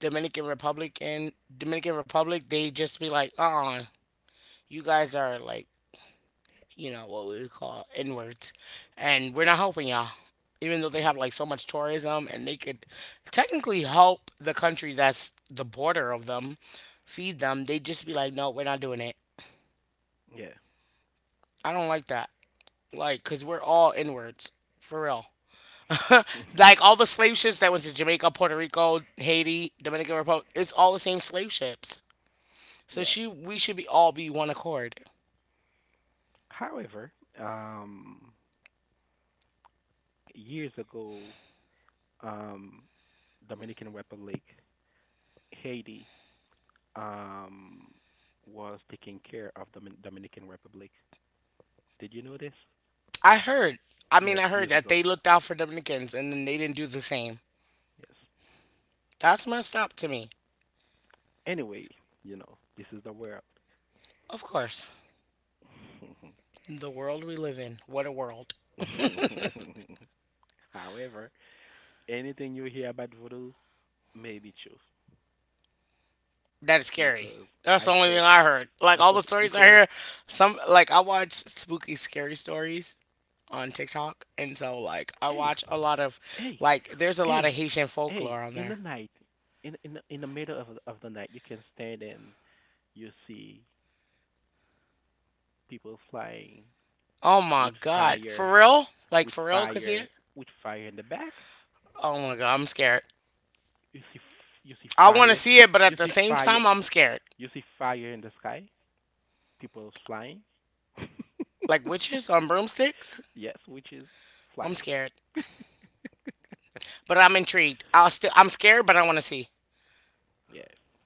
S1: Dominican Republic and Dominican Republic, they just be like, you guys are like you know, what we call inwards. And we're not helping y'all. Even though they have like so much tourism and they could technically help the country that's the border of them feed them, they just be like, no, we're not doing it.
S2: yeah.
S1: I don't like that. Like, cause we're all inwards. For real. *laughs* Like
S2: *laughs*
S1: all the slave ships that went to Jamaica, Puerto Rico, Haiti, Dominican Republic, it's all the same slave ships. So
S2: Yeah.
S1: she we should be all be one accord.
S2: However, um, years ago, um, Dominican Republic, Haiti, um, was taking care of the Dominican Republic. Did you know this?
S1: I heard I mean
S2: Yes,
S1: I heard
S2: years
S1: that they
S2: ago.
S1: looked out for Dominicans and then they didn't do the same.
S2: Yes.
S1: That's messed up to me.
S2: Anyway, you know, this is the world.
S1: Of course. The world we live in. What a world.
S2: *laughs* However, anything you hear about voodoo may be true
S1: That is scary.
S2: because
S1: That's the
S2: I
S1: only thing
S2: saw,
S1: I heard. Like all the stories I
S2: because
S1: hear, some like I watch spooky scary stories on TikTok and so like I
S2: hey
S1: watch a lot of
S2: hey.
S1: like there's a lot of
S2: Hey,
S1: Haitian
S2: hey,
S1: folklore on
S2: in the
S1: there.
S2: night, in the middle of the night, you can stand and you see people flying
S1: Oh my
S2: with
S1: god. For
S2: fire,
S1: real? Like
S2: with
S1: for real,
S2: fire,
S1: Kasia?
S2: with fire in the back.
S1: Oh my god, I'm scared.
S2: You see, you see
S1: I wanna
S2: fire,
S1: see it, but at
S2: you
S1: the
S2: see
S1: same
S2: fire,
S1: time I'm scared.
S2: you see fire in the sky. People flying.
S1: Like witches on broomsticks?
S2: *laughs* Yes, which is
S1: I'm
S2: flying.
S1: scared. But I'm intrigued. I'll still I'm scared, but I wanna see.
S2: Yes.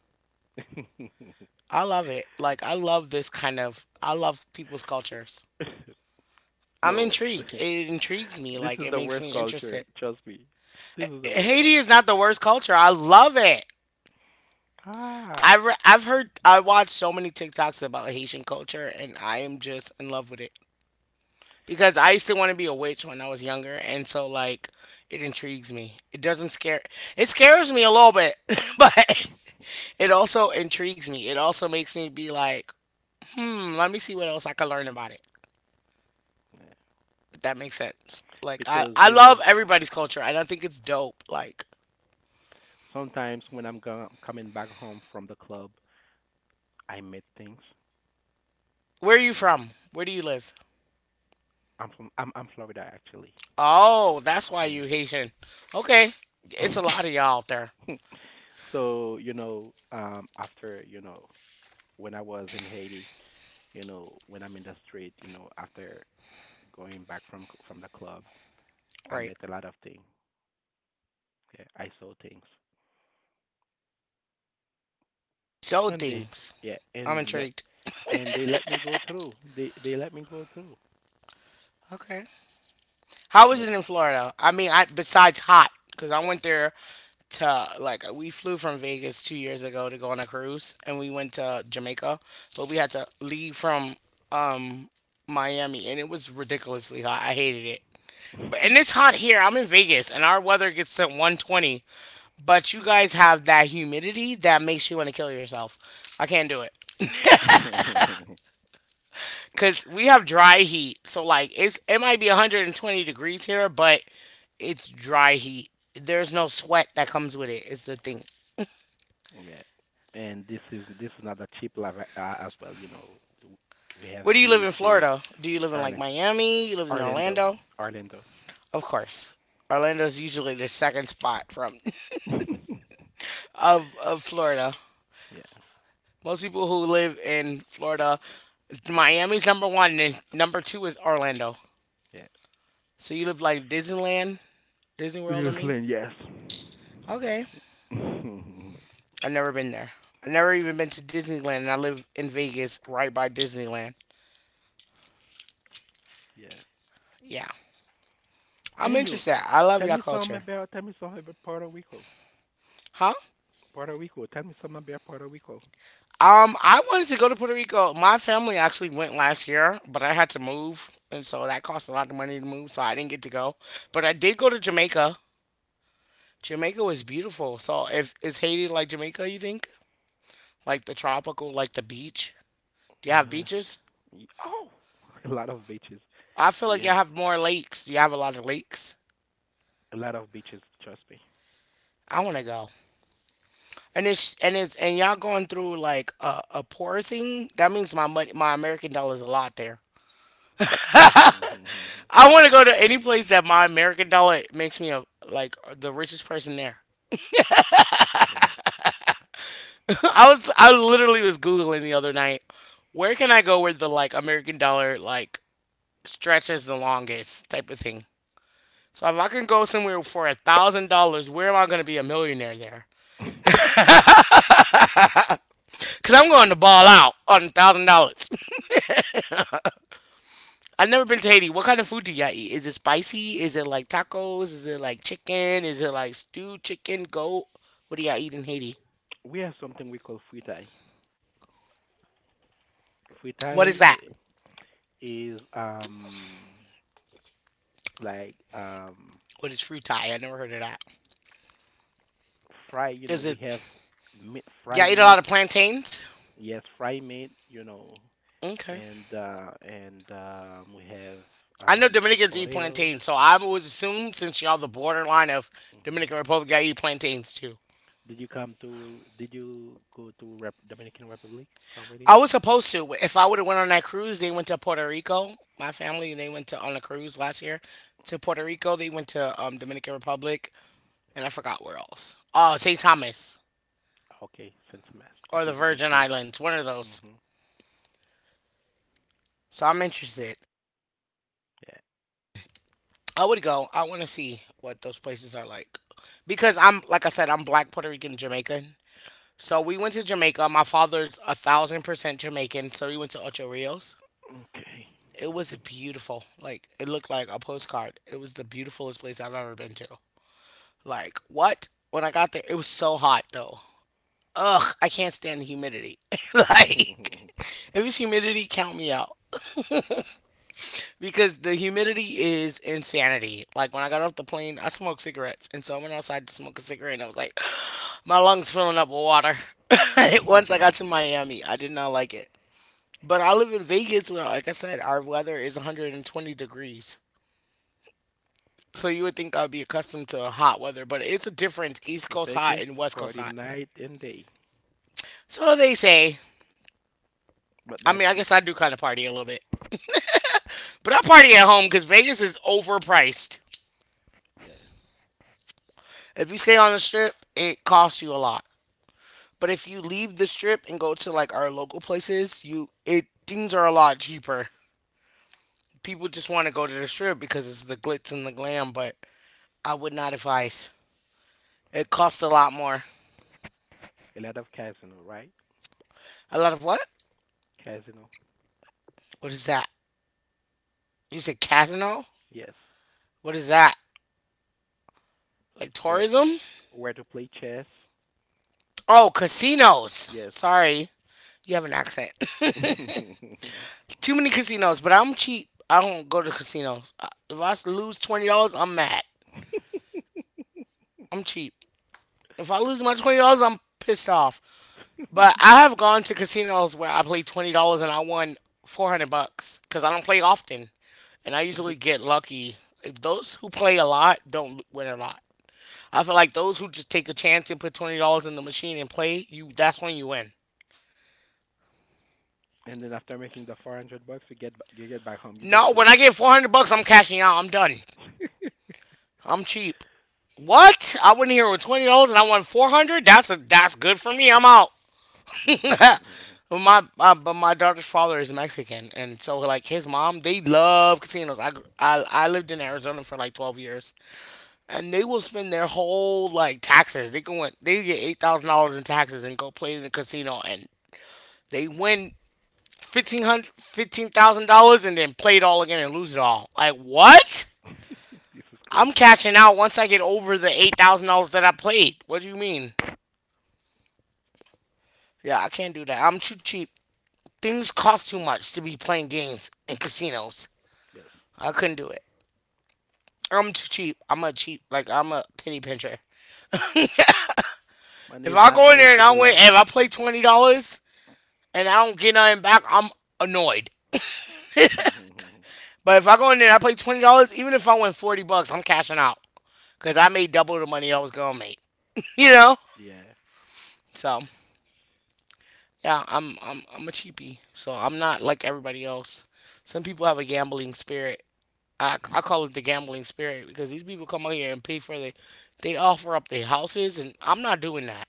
S2: *laughs*
S1: I love it. Like I love this kind of I love people's cultures. I'm
S2: No.
S1: intrigued.
S2: *laughs*
S1: It intrigues me.
S2: This
S1: Like
S2: is
S1: it
S2: the
S1: makes
S2: worst
S1: me
S2: culture.
S1: interested.
S2: Trust me, this is the worst
S1: Haiti is
S2: culture.
S1: not the worst culture. I love it. I
S2: Ah,
S1: I've heard I watched so many TikToks about Haitian culture and I am just in love with it because I used to want to be a witch when I was younger and so like it intrigues me. It doesn't scare it scares me a little bit, *laughs* but it also intrigues me. It also makes me be like, "Hmm, let me see what else I can learn about it."
S2: yeah.
S1: That makes sense. Like I,
S2: Because
S1: I
S2: you
S1: love
S2: know.
S1: everybody's culture and I think it's dope. Like
S2: Sometimes when I'm coming back home from the club, I meet things.
S1: where are you
S2: You know,
S1: from? Where do you live?
S2: I'm from I'm Florida actually.
S1: Oh, that's why
S2: Yeah.
S1: you Haitian. Okay. It's a lot of y'all out there.
S2: *laughs* So you know, after you know, when I was in Haiti, you know, when I'm in the street, you know, after going back from from the club, I
S1: Right.
S2: met a lot of things. Yeah, I saw things,
S1: So
S2: and they
S1: things.
S2: yeah,
S1: I'm
S2: and let
S1: intrigued.
S2: and they let me go through. They let me go through,
S1: Okay. How was
S2: but.
S1: it in Florida? I mean, I besides hot because I went there to like we flew from Vegas 2 years ago to go on a cruise and we went to Jamaica, but we had to leave from um Miami and it was ridiculously hot. I hated it. But- And it's hot here. I'm in Vegas and our weather gets to 120. But you guys have that humidity that makes you want to kill yourself. I can't do it.
S2: *laughs*
S1: Cause we have dry heat. So like it's it might be 120 degrees here, but it's dry heat. There's no sweat that comes with it. Is the thing.
S2: Yeah. And this is not a cheap life as well, you know. We have
S1: Where do you live in
S2: beaches.
S1: Florida? Do you live in like
S2: Ireland,
S1: Miami? You live in
S2: Orlando,
S1: Orlando?
S2: Orlando.
S1: Of course. Orlando's usually the second spot from
S2: *laughs*
S1: *laughs* of Florida.
S2: Yeah,
S1: Most people who live in Florida, Miami's number one, and number two is Orlando.
S2: yeah.
S1: So you live like Disneyland, Disney World, I mean.
S2: Seriously, yes.
S1: Okay.
S2: *laughs*
S1: I've never been there. I've never even been to Disneyland, and I live in Vegas right by Disneyland.
S2: Yeah.
S1: Yeah. I'm
S2: And you,
S1: interested. I love
S2: tell
S1: y'all
S2: me something
S1: culture.
S2: about tell me something about Puerto Rico.
S1: Huh?
S2: Puerto Rico. Tell me something about Puerto Rico.
S1: I wanted to go to Puerto Rico. My family actually went last year, but I had to move, and so that cost a lot of money to move, so I didn't get to go. But I did go to Jamaica. Jamaica was beautiful. So, if is Haiti like Jamaica, you think? Like the tropical, like the beach? Do you have
S2: Uh,
S1: beaches?
S2: oh, *laughs* a lot of beaches.
S1: I feel
S2: We
S1: like y'all
S2: have
S1: have more lakes. Do you have a lot of lakes?
S2: a lot of beaches. Trust me.
S1: I want to go. And it's and it's and y'all going through like a poor thing. That means my money, my American dollar is a lot there.
S2: *laughs* Mhm, mhm, mhm.
S1: I want to go to any place that my American dollar makes me like the richest person there.
S2: Yeah.
S1: *laughs* I was I literally was googling the other night. Where can I go where the like American dollar like stretches the longest type of thing? So if I can go somewhere for $1,000, where am I gonna be a millionaire there? Cause I'm going to ball out on $1,000. *laughs* I've never been to Haiti.
S2: Mhm.
S1: What kind of food do y'all eat? Is it spicy? Is it like tacos? Is it like chicken? Is it like stewed chicken, goat? What do y'all eat in Haiti?
S2: We have something we call fritai.
S1: What is
S2: Fritai.
S1: that?
S2: Is like
S1: What is frutai? I never heard of that.
S2: fry, you know,
S1: Is
S2: we
S1: it
S2: have meat, fry
S1: y'all eat a lot
S2: meat,
S1: of plantains?
S2: yes, fry meat, you know,
S1: Okay.
S2: and we have
S1: I know
S2: um
S1: Dominicans eat
S2: potato.
S1: plantains, so I would assume since y'all the borderline of
S2: Hmm.
S1: Dominican Republic, y'all eat plantains too.
S2: Did you come to did you go to Rep Dominican Republic already?
S1: I was supposed to. If I would have went on that cruise, they went to Puerto Rico. My family they went to on a cruise last year to Puerto Rico. They went to Dominican Republic and I forgot where else. Oh, St. Thomas
S2: Okay, Saint Mass.
S1: or
S2: This
S1: the
S2: is a good
S1: Virgin
S2: place.
S1: Islands, one of those.
S2: Hmm.
S1: So I'm interested.
S2: Yeah.
S1: I would go. I want to see what those places are like because I'm like I said, I'm Black Puerto Rican Jamaican. So we went to Jamaica. My father's 1000% Jamaican, so we went to Ocho Rios.
S2: Okay.
S1: It was beautiful. Like it looked like a postcard. It was the beautifulest place I've ever been to. Like what? When I got there, it was so hot though. Ugh, I can't stand the humidity. *laughs* Like if it's humidity, count me out because the humidity is insanity. Like when I got off the plane, I smoked cigarettes, and so I went outside to smoke a cigarette, and I was like, *gasps* *sighs* my lungs filling up with water. *laughs* Once I got to Miami, I did not like it. But I live in Vegas, where, like I said, our weather is 120 degrees. So you would think I'd be accustomed to hot weather, but it's a difference East
S2: *laughs*
S1: Coast hot
S2: Vegas
S1: and West Coast
S2: party
S1: hot.
S2: night and day,
S1: So they say.
S2: but not
S1: I
S2: you.
S1: guess I do kind of party a little bit. But I party at home because Vegas is overpriced.
S2: Yeah.
S1: If you stay on the strip, it costs you a lot. But if you leave the strip and go to like our local places, you it things are a lot cheaper. People
S2: Okay.
S1: just want to go to the strip because it's the glitz and the glam, but I would not advise. It costs a lot more.
S2: A lot of casino, right?
S1: A lot of what?
S2: Casino,
S1: What is that? You said casino?
S2: yes.
S1: What is that? Like
S2: Where
S1: tourism?
S2: where to play chess?
S1: Oh, casinos.
S2: Yes.
S1: Sorry, you have an accent.
S2: *laughs*
S1: *laughs*
S2: And
S1: Too many casinos, but I'm cheap. I don't go to casinos. If I lose $20, I'm mad. I'm cheap. If I lose my $20, I'm pissed off. But I have gone to casinos where I played $20 and I won 400 bucks because I don't play often, and I usually get lucky. If those who play a lot don't win a lot. I feel like those who just take a chance and put $20 in the machine and play, you that's when you win.
S2: then after making the 400 bucks, you get back home. You don't
S1: No, when
S2: stay.
S1: I get 400 bucks, I'm cashing out. I'm done. I'm cheap. What? I went here with $20 and I won 400. That's good for me. I'm out.
S2: *laughs*
S1: *laughs*
S2: This
S1: But my daughter's father is Mexican, and so like his mom, they love casinos. I, gr- I lived in Arizona for like 12 years, and they will spend their whole like taxes. They can win. They get $8,000 in taxes and go play in the casino, and they win $15,000, and then play it all again and lose it all. Like what?
S2: is
S1: I'm
S2: crazy.
S1: cashing out once I get over the $8,000 that I played. What do you mean? Yeah, I can't do that. I'm too cheap. Things cost too much to be playing games in casinos.
S2: Yes.
S1: I couldn't do it. I'm too cheap. I'm a penny pincher.
S2: Money
S1: If
S2: is
S1: I
S2: not
S1: go in there
S2: made
S1: and
S2: to
S1: I
S2: be
S1: win,
S2: lost.
S1: if I play $20 and I don't get nothing back, I'm annoyed.
S2: *laughs*
S1: But if I go in there and I play $20, even if I win 40 bucks, I'm cashing out because I made double the money I was gonna make. *laughs* You know,
S2: Yeah.
S1: so. Yeah, I'm a cheapie, so I'm not like everybody else. Some people have a gambling spirit. I call it the gambling spirit because these people come out here and pay for they offer up their houses and I'm not doing that.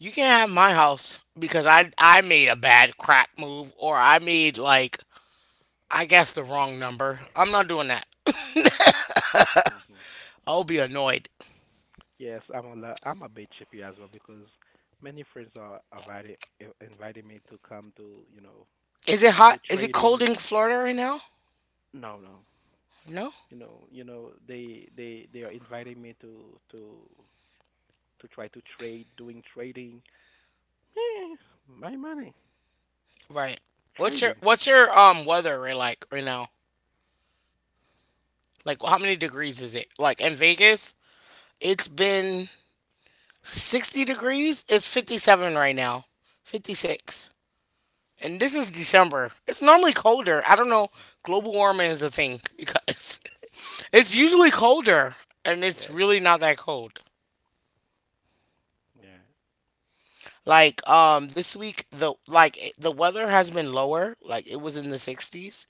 S1: You can't have my house because I made a bad crap move or I made like I guess the wrong number. I'm not doing that.
S2: *laughs*
S1: I'll be annoyed.
S2: Yes, I'm a I'm a bit chippy as well because many friends are invited inviting me to come to you know
S1: Is it
S2: to
S1: hot? Is it cold
S2: trading.
S1: in Florida right now?
S2: No, no,
S1: No.
S2: you know they are inviting me to to try to trade doing trading. Eh, my money
S1: Right. What's your
S2: trading.
S1: what's your um weather right now? Like, how many degrees is it? Like, in Vegas, it's been 60 degrees. It's 57 right now, 56. And this is December. It's normally colder. I don't know.
S2: Mm,
S1: Global warming is a thing because *laughs* it's usually colder and it's
S2: yeah
S1: really not that cold.
S2: yeah.
S1: Like this week the weather has been lower. Like it was in the 60s,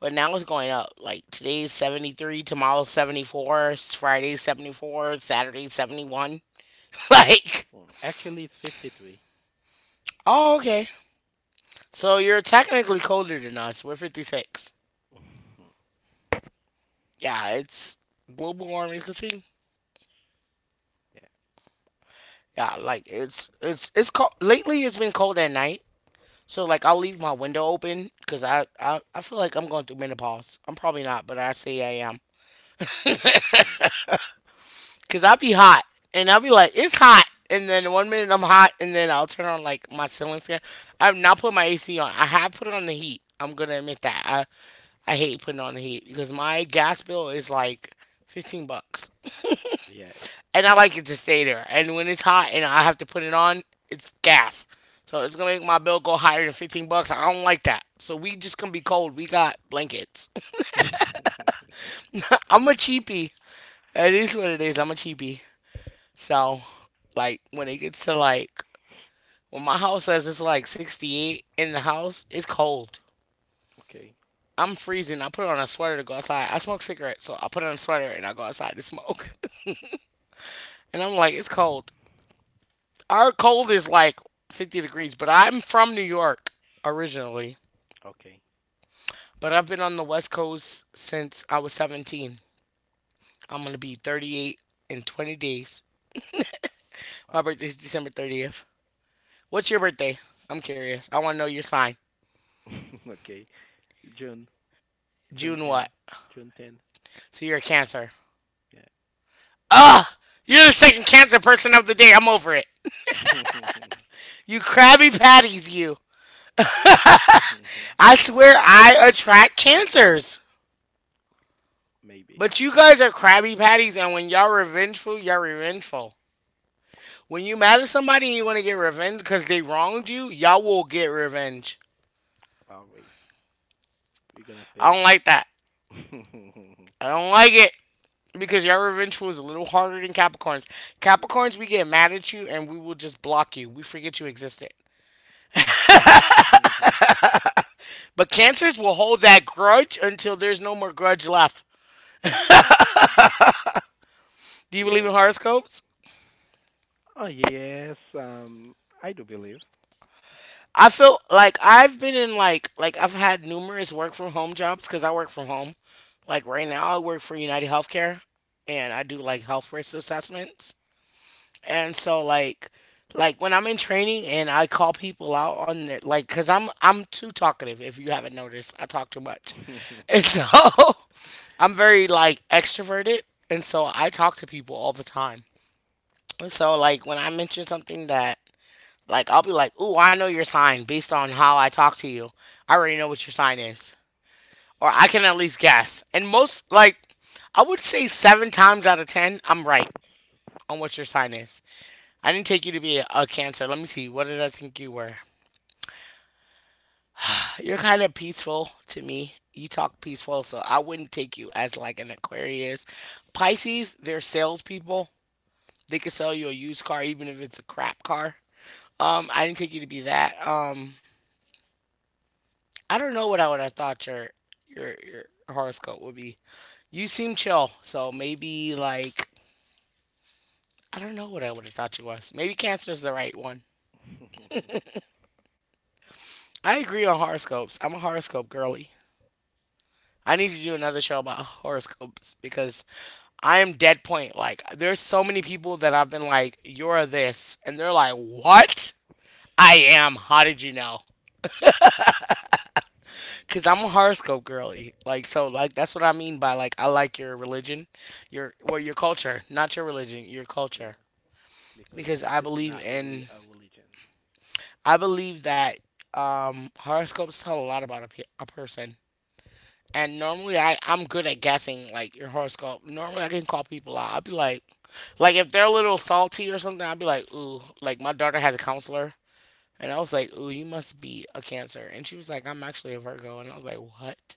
S1: but now it's going up. Like today's 73, tomorrow's 74, Friday's 74, Saturday's 71. *laughs* Like
S2: Mm, actually it's 53.
S1: oh, okay. So you're technically colder than us. We're 56. Yeah, it's global warming's a thing.
S2: Yeah
S1: Yeah, like it's cold. Lately, it's been cold at night. So like I'll leave my window open because I feel like I'm going through menopause. I'm probably not, but I say I am.
S2: yeah,
S1: Cause I'll be hot and I'll be like it's hot, and then one minute I'm hot, and then I'll turn on like my ceiling fan. I've not put my AC on. I have put on the heat. I'm gonna admit that. I hate putting on the heat because my gas bill is like 15 bucks.
S2: yeah.
S1: And I like it to stay there. And when it's hot and I have to put it on, it's gas. So it's gonna make my bill go higher than 15 bucks. I don't like that. So we just gonna be cold. We got blankets. *laughs* I'm a cheapie. It is what it is. I'm a cheapie. So like when it gets to like when my house says it's like 68 in the house, it's cold.
S2: Okay,
S1: I'm freezing. I put on a sweater to go outside. I smoke cigarettes, so I put on a sweater and I go outside to smoke. *laughs* And I'm like, it's cold. Our cold is like 50 degrees, but I'm from New York originally,
S2: okay,
S1: but I've been on the West Coast since I was 17. I'm going to be 38 in 20 days. My
S2: wow.
S1: birthday is December 30th. What's your birthday? I'm curious. I want to know your sign.
S2: *laughs* Okay, june. June
S1: June
S2: 10.
S1: what?
S2: June 10.
S1: So you're a Cancer.
S2: Yeah.
S1: You're the second Cancer person of the day. I'm over it.
S2: *laughs*
S1: You Krabby Patties, you. I swear I attract Cancers.
S2: Maybe.
S1: But you guys are Krabby Patties, and when y'all revengeful, y'all revengeful. When you
S2: Yes,
S1: mad at somebody and you want to get revenge because they wronged you, y'all will get revenge.
S2: always, we're gonna pay
S1: I don't
S2: it. *laughs*
S1: like that. I don't like it because y'all revengeful is a little harder than Capricorns. Capricorns, we get mad at you and we will just block you. We forget you existed. But Cancers will hold that grudge until there's no more grudge left. Do you
S2: We
S1: believe
S2: are.
S1: in horoscopes?
S2: Oh yes, I do believe.
S1: I feel like I've been in I've had numerous work from home jobs because I work from home. Like right now, I work for United Healthcare and I do like health risk assessments.
S2: Okay.
S1: And so like when I'm in training and I call people out on their like cuz I'm too talkative if you haven't noticed I talk too much. And so *laughs* I'm very like extroverted and so I talk to people all the time. And so like when I mention something that like I'll be like, "Ooh, I know your sign based on how I talk to you. I already know what your sign is." Or I can at least guess. And most like I would say 7 times out of 10 I'm right on what your sign is. I didn't take you to be a cancer. Let me see. What did I think you were? You're kind of peaceful to me. You talk peaceful, so I wouldn't take you as like an Aquarius. Pisces, they're salespeople. They could sell you a used car even if it's a crap car. I didn't take you to be that. I don't know what I would have thought your horoscope would be. You seem chill, so maybe like I don't know what I would have thought you was. Maybe Cancer's the right one. I agree on horoscopes. I'm a horoscope girly. I need to do another show about horoscopes because I am dead point. Like, there's so many people that I've been like, you're this. And they're like, what? I am. How did you know? Because I'm
S2: *laughs*
S1: a horoscope girly. Like, so, like, that's what I mean by, like, I like your religion, your, well, your culture, not your religion, your
S2: Yeah,
S1: culture.
S2: because
S1: Because
S2: this is not really a religion.
S1: I believe that horoscopes tell a lot about a, a person. And normally I'm good at guessing like your horoscope. Normally I can call people out. I'll be like if they're a little salty or something, I'll be like, ooh, like my daughter has a counselor and I was like, ooh, you must be a cancer. And she was like, I'm actually a Virgo and I was like, what?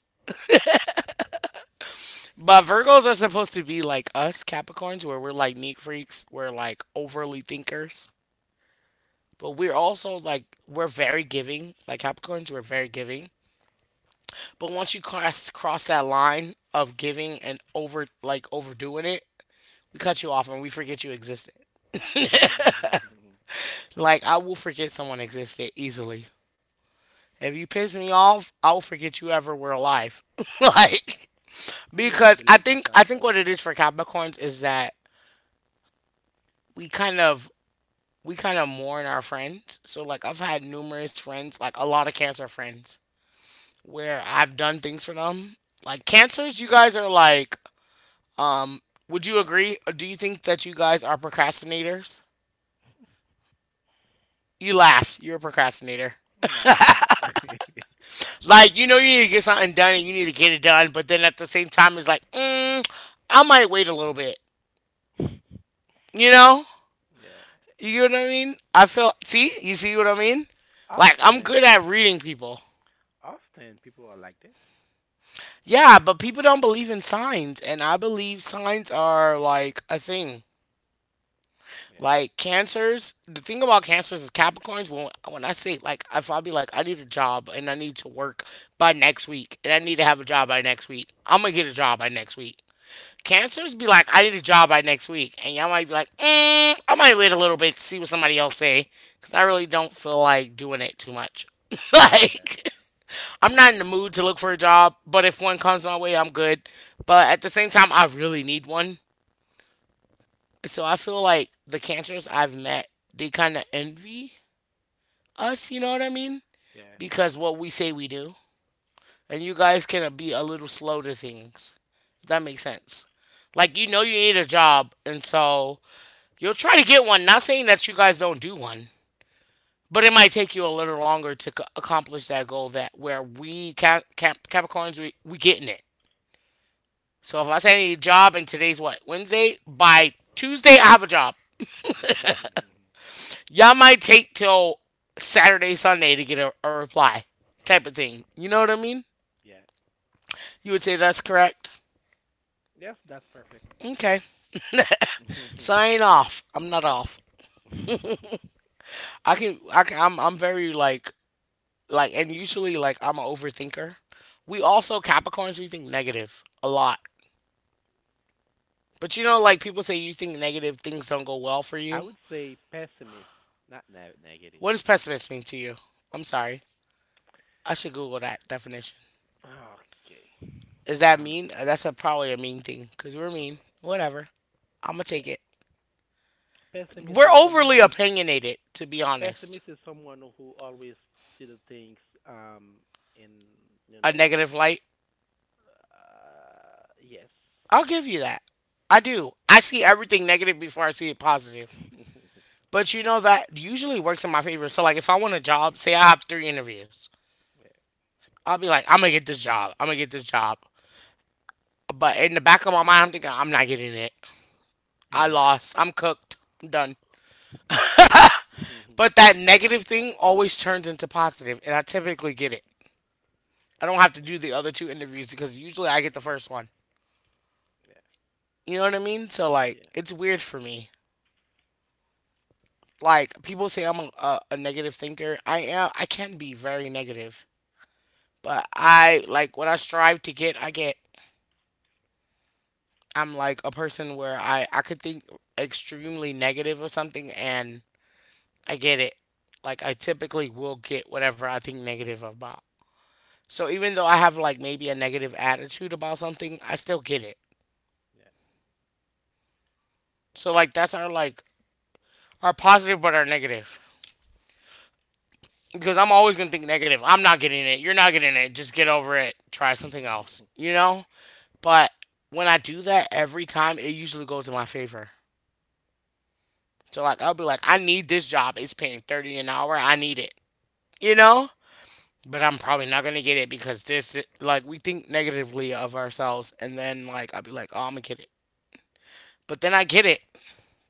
S1: But Virgos are supposed to be like us Capricorns where we're like neat freaks, we're like overly thinkers. But we're also like we're very giving. Like Capricorns, we're very giving. But once you cross that line of giving and overdoing it, we cut you off and we forget you existed. Like, I will forget someone existed easily. If you piss me off, I will forget you ever were alive. *laughs* like,
S2: *laughs* I used to be
S1: because I
S2: like this
S1: think
S2: as
S1: I think
S2: well.
S1: what it is for Capricorns is that we kind of we kind of mourn our friends. So like I've had numerous friends, like a lot of cancer friends, where I've done things for them. Like cancers, you guys are like, um, would you agree? Do you think that you guys are procrastinators? You
S2: Mm.
S1: laughed. You're a procrastinator.
S2: No, that. *laughs* Yeah.
S1: Like, you know, you need to get something done and you need to get it done, but then at the same time, it's like, I might wait a little bit. You know? You know what I mean? I feel, see? You see what I mean? Like, I'm
S2: Often,
S1: good at reading people.
S2: often people are like this.
S1: Yeah, but people don't believe in signs, and I believe signs are like a thing.
S2: Yeah,
S1: Like cancers, the thing about cancers is Capricorns. When I say like, if I be like, I need a job and I need to work by next week, and I need to have a job by next week, I'm gonna get a job by next week. Cancers be like, I need a job by next week, and y'all might be like, mm, I might wait a little bit to see what somebody else say, because I really don't feel like doing it too much. *laughs*
S2: yeah,
S1: like, I'm not in the mood to look for a job, but if one comes my way, I'm good. But at the same time, I really need one. So I feel like the cancers I've met, they kind of envy us, you know what I mean?
S2: yeah,
S1: Because what we say we do. And you guys can be a little slow to things. If that makes sense. Like, you know, you need a job, and so you'll try to get one. Not saying that you guys don't do one, but it might take you a little longer to accomplish that goal. That where we Capricorns we getting it. So if I say I need a job and today's what Wednesday, by Tuesday I have a job.
S2: yeah. *laughs*
S1: Y'all might take till Saturday Sunday to get a reply, type of thing. You know what I mean?
S2: Yeah.
S1: You would say that's correct.
S2: Yes, that's perfect.
S1: Okay,
S2: *laughs*
S1: sign off. I'm not off. I can I'm very like and usually like I'm an overthinker. We also Capricorns we think negative a lot. But you know like people say you think negative things don't go well for
S2: I
S1: you.
S2: would say pessimist, not ne negative.
S1: What does pessimist mean to you? I'm sorry. I should Google that definition.
S2: Okay.
S1: Is that
S2: Uh,
S1: mean? That's a, probably a mean thing because we're mean. Whatever. I'm gonna
S2: yeah.
S1: take it.
S2: Pessimist
S1: We're
S2: is
S1: overly
S2: someone
S1: opinionated, to be honest.
S2: pessimist is someone who always see the things um in you
S1: A
S2: know.
S1: negative light.
S2: Yes.
S1: I'll give you that. I do. I see everything negative before I see it positive.
S2: *laughs*
S1: But you know that usually works in my favor. So like if I want a job, say I have three interviews,
S2: Yeah.
S1: I'll be like, I'm gonna get this job. I'm gonna get this job. But in the back of my mind, I'm thinking I'm not getting it. I
S2: Yeah.
S1: lost. I'm cooked. I'm done. But
S2: *laughs*
S1: that negative thing always turns into positive, and I typically get it. I don't have to do the other two interviews because usually I get the first one.
S2: Yeah,
S1: You know what I mean? So
S2: yeah,
S1: like it's weird for me. Like people say I'm a negative thinker. I am. I can be very negative, but I like what I strive to get, I get. I'm like a person where I could think extremely negative of something and I get it. Like I typically will get whatever I think negative about. So even though I have like maybe a negative attitude about something, I still get it.
S2: yeah.
S1: So like that's our like our positive but our negative. Because I'm always gonna think negative. I'm not getting it. You're not getting it. Just get over it. Try something
S2: *laughs*
S1: else. You know? But when I do that every time, it usually goes in my favor. So like I'll be like, I need this job. It's paying 30 an hour. I need it. You know? But I'm probably not gonna get it because this, like, we think negatively of ourselves, and then like I'll be like, oh, I'm gonna get it. But then I get it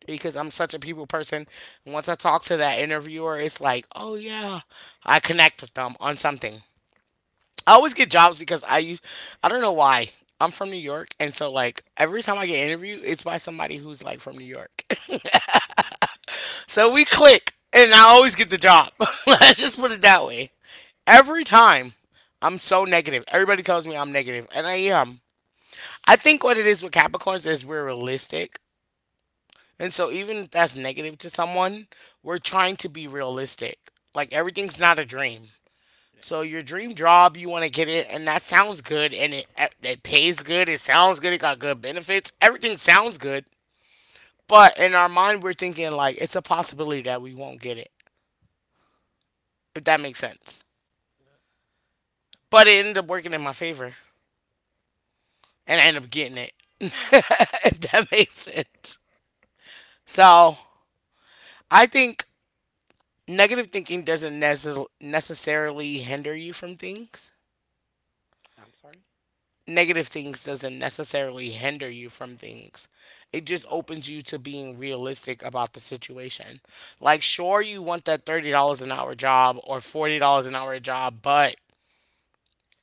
S1: because I'm such a people person. And once I talk to that interviewer, it's like, oh yeah, I connect with them on something. I always get jobs because I don't know why. I'm from New York, and so like every time I get interviewed, it's by somebody who's like from New York. *laughs*
S2: Mhm.
S1: So we click, and I always get the job. *laughs* Let's just put it that way. Every time, I'm so negative. Everybody tells me I'm negative, and I am. I think what it is with Capricorns is we're realistic. And so even if that's negative to someone, we're trying to be realistic. Like everything's not a dream.
S2: Yeah.
S1: So your dream job, you want to get it, and that sounds good, and it pays good. It sounds good. It got good benefits. Everything sounds good, but in our mind, we're thinking like it's a possibility that we won't get it. If that makes sense. But it ended up working in my favor, and I ended up getting it. *laughs* If that makes sense. So I think negative thinking doesn't necess- necessarily hinder you from things.
S2: I'm sorry?
S1: Negative things doesn't necessarily hinder you from things. It just
S2: No.
S1: opens you to being realistic about the situation. Like, sure, you want that $30 an hour job or $40 an hour job, but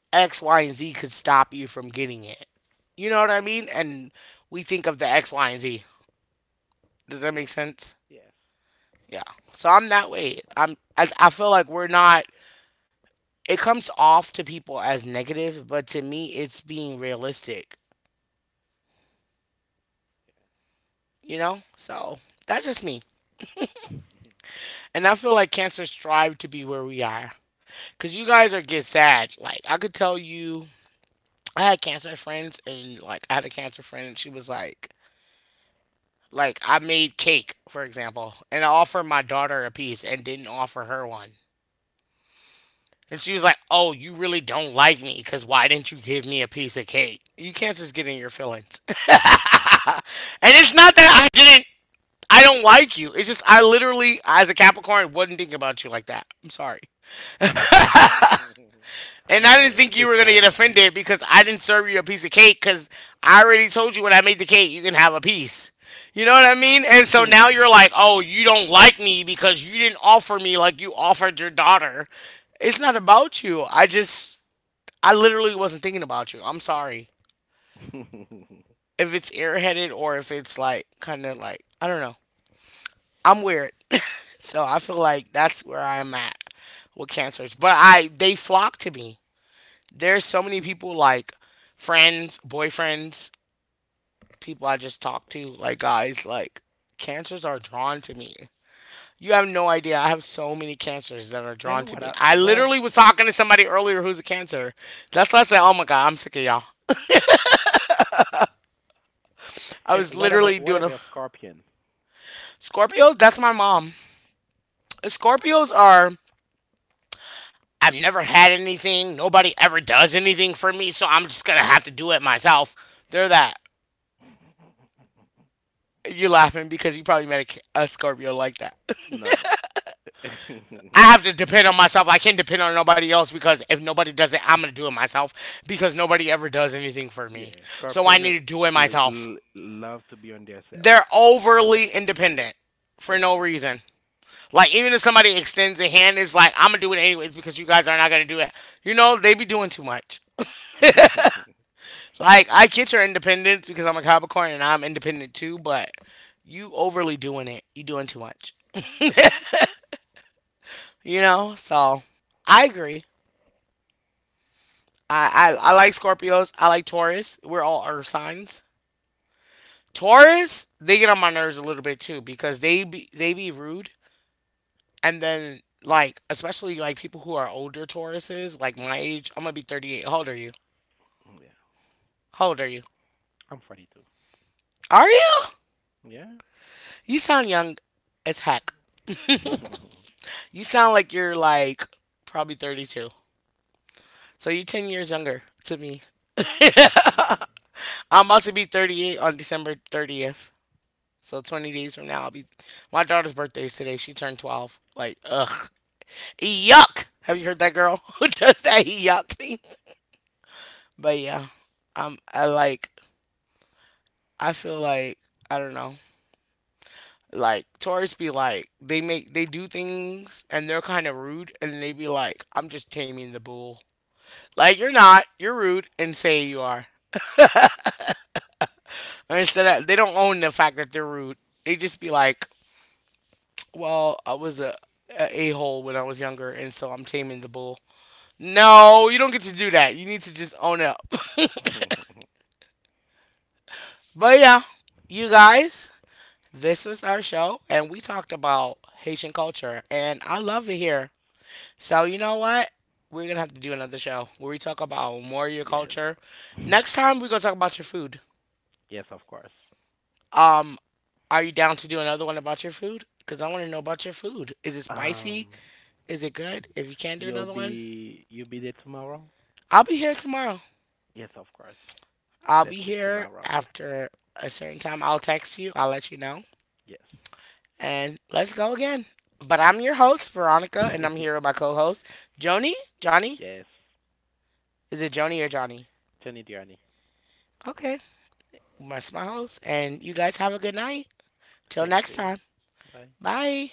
S1: X, Y, and Z could stop you from getting it. You know what I mean? And we think of the X, Y, and Z. Does that
S2: Yeah.
S1: make sense?
S2: Yes.
S1: Yeah. So I'm that way. I feel like we're not it comes off to people as negative, but to me it's being realistic, you know? So that's just me.
S2: Yeah.
S1: And I feel like cancer strive to be where we are. Cause you guys are get sad. Like I could tell you I had cancer friends and like I had a cancer friend and she was like I made cake, for example, and I offered my daughter a piece and didn't offer her one. And she was like, oh, you really don't like me because why didn't you give me a piece of cake? You can't just get in your feelings. *laughs* And it's not that I don't like you. It's just I literally, as a Capricorn, wouldn't think about you like that. I'm sorry.
S2: *laughs*
S1: And I
S2: No,
S1: didn't think
S2: it's
S1: you were going to get
S2: fine.
S1: offended because I didn't serve you a piece of cake because I already told you when I made the cake, you can have a piece. You know what I mean? And so now you're
S2: *laughs*
S1: like, oh, you don't like me because you didn't offer me like you offered your daughter. It's not about you. I literally wasn't thinking about you. I'm sorry. If it's airheaded or if it's like kind of like I don't know. I'm weird, *laughs* so I feel like that's where I'm at with cancers. But I they flock to me. There's so many people like friends, boyfriends, people I just talk to, like guys, like cancers are drawn to me. You have no idea. I have so many cancers that are
S2: And
S1: drawn
S2: what
S1: to
S2: a,
S1: me. I
S2: what about
S1: literally was talking to somebody earlier who's a cancer. That's why I said, oh my God, I'm sick of y'all.
S2: *laughs* and
S1: I was literally
S2: what
S1: doing
S2: about
S1: a.
S2: scorpion?
S1: Scorpios, that's my mom. Scorpios are I've never had anything. Nobody ever does anything for me, so I'm just gonna have to do it myself. They're that. You're laughing because you probably met a Scorpio like that. *laughs*
S2: No. *laughs*
S1: I have to depend on myself. I can't depend on nobody else because if nobody does it, I'm gonna do it myself because nobody ever does anything for me.
S2: Yeah,
S1: So
S2: scorpion
S1: I need to do it myself.
S2: love to be on their self.
S1: They're overly independent
S2: Yeah.
S1: for no reason. Like even if somebody extends a hand, it's like I'm gonna do it anyways because you guys are not gonna do it. You know they be doing too much.
S2: *laughs* Yeah.
S1: Like I get your independence because I'm a Capricorn and I'm independent too, but you overly doing it. You doing too much. You know? So I agree. I like Scorpios. I like Taurus. We're all earth signs. Taurus, they get on my nerves a little bit too because they be rude and then like especially like people who are older Tauruses, like my age, I'm gonna be 38. How old are you?
S2: Yeah.
S1: How old are you?
S2: I'm funny too.
S1: Are you?
S2: Yeah.
S1: You sound young as heck.
S2: *laughs*
S1: You sound like you're like probably 32. So you're 10 years younger to me. *laughs* I'm about to be 38 on December 30th. So 20 days from now, I'll be. My daughter's birthday is today. She turned 12. Like, ugh.
S2: Yeah.
S1: Yuck. Have you heard that girl *laughs* who does that yuck thing? But yeah, I like. I feel like I don't know. Like tourists be like they do things and they're kind of rude and they be like I'm just taming the bull. Like you're not. You're rude and say you are. And instead of they don't own the fact that they're rude. They just be like, "Well, I was a hole when I was younger, and so I'm taming the bull." No, you don't get to do that. You need to just own up. *laughs*
S2: *laughs*
S1: But yeah, you guys, this was our show, and we talked about Haitian culture, and I love it here. So you know what? We're gonna have to do another show where we talk about more of your
S2: Yes.
S1: culture. Next time we're gonna talk about your food.
S2: Yes, of course.
S1: Um, are you down to do another one about your food? Because I want to know about your food. Is it
S2: Um,
S1: spicy? Is it good? If you can not do
S2: you'll
S1: another one,
S2: be you'll be there tomorrow?
S1: I'll be here tomorrow.
S2: Yes, of course.
S1: I'll
S2: Let's
S1: be
S2: meet
S1: here
S2: tomorrow.
S1: after a certain time. I'll text you. I'll let you know.
S2: Yes.
S1: And let's go again. But I'm your host, Veronica, and I'm
S2: *laughs*
S1: here with my co-host, Joni. Johnny?
S2: Yes.
S1: Is it Joni or Johnny?
S2: Johnny Diani.
S1: Okay. That's my host. And you guys have a good night.
S2: Same
S1: Till
S2: to
S1: next
S2: you.
S1: time.
S2: Bye bye.
S1: Bye.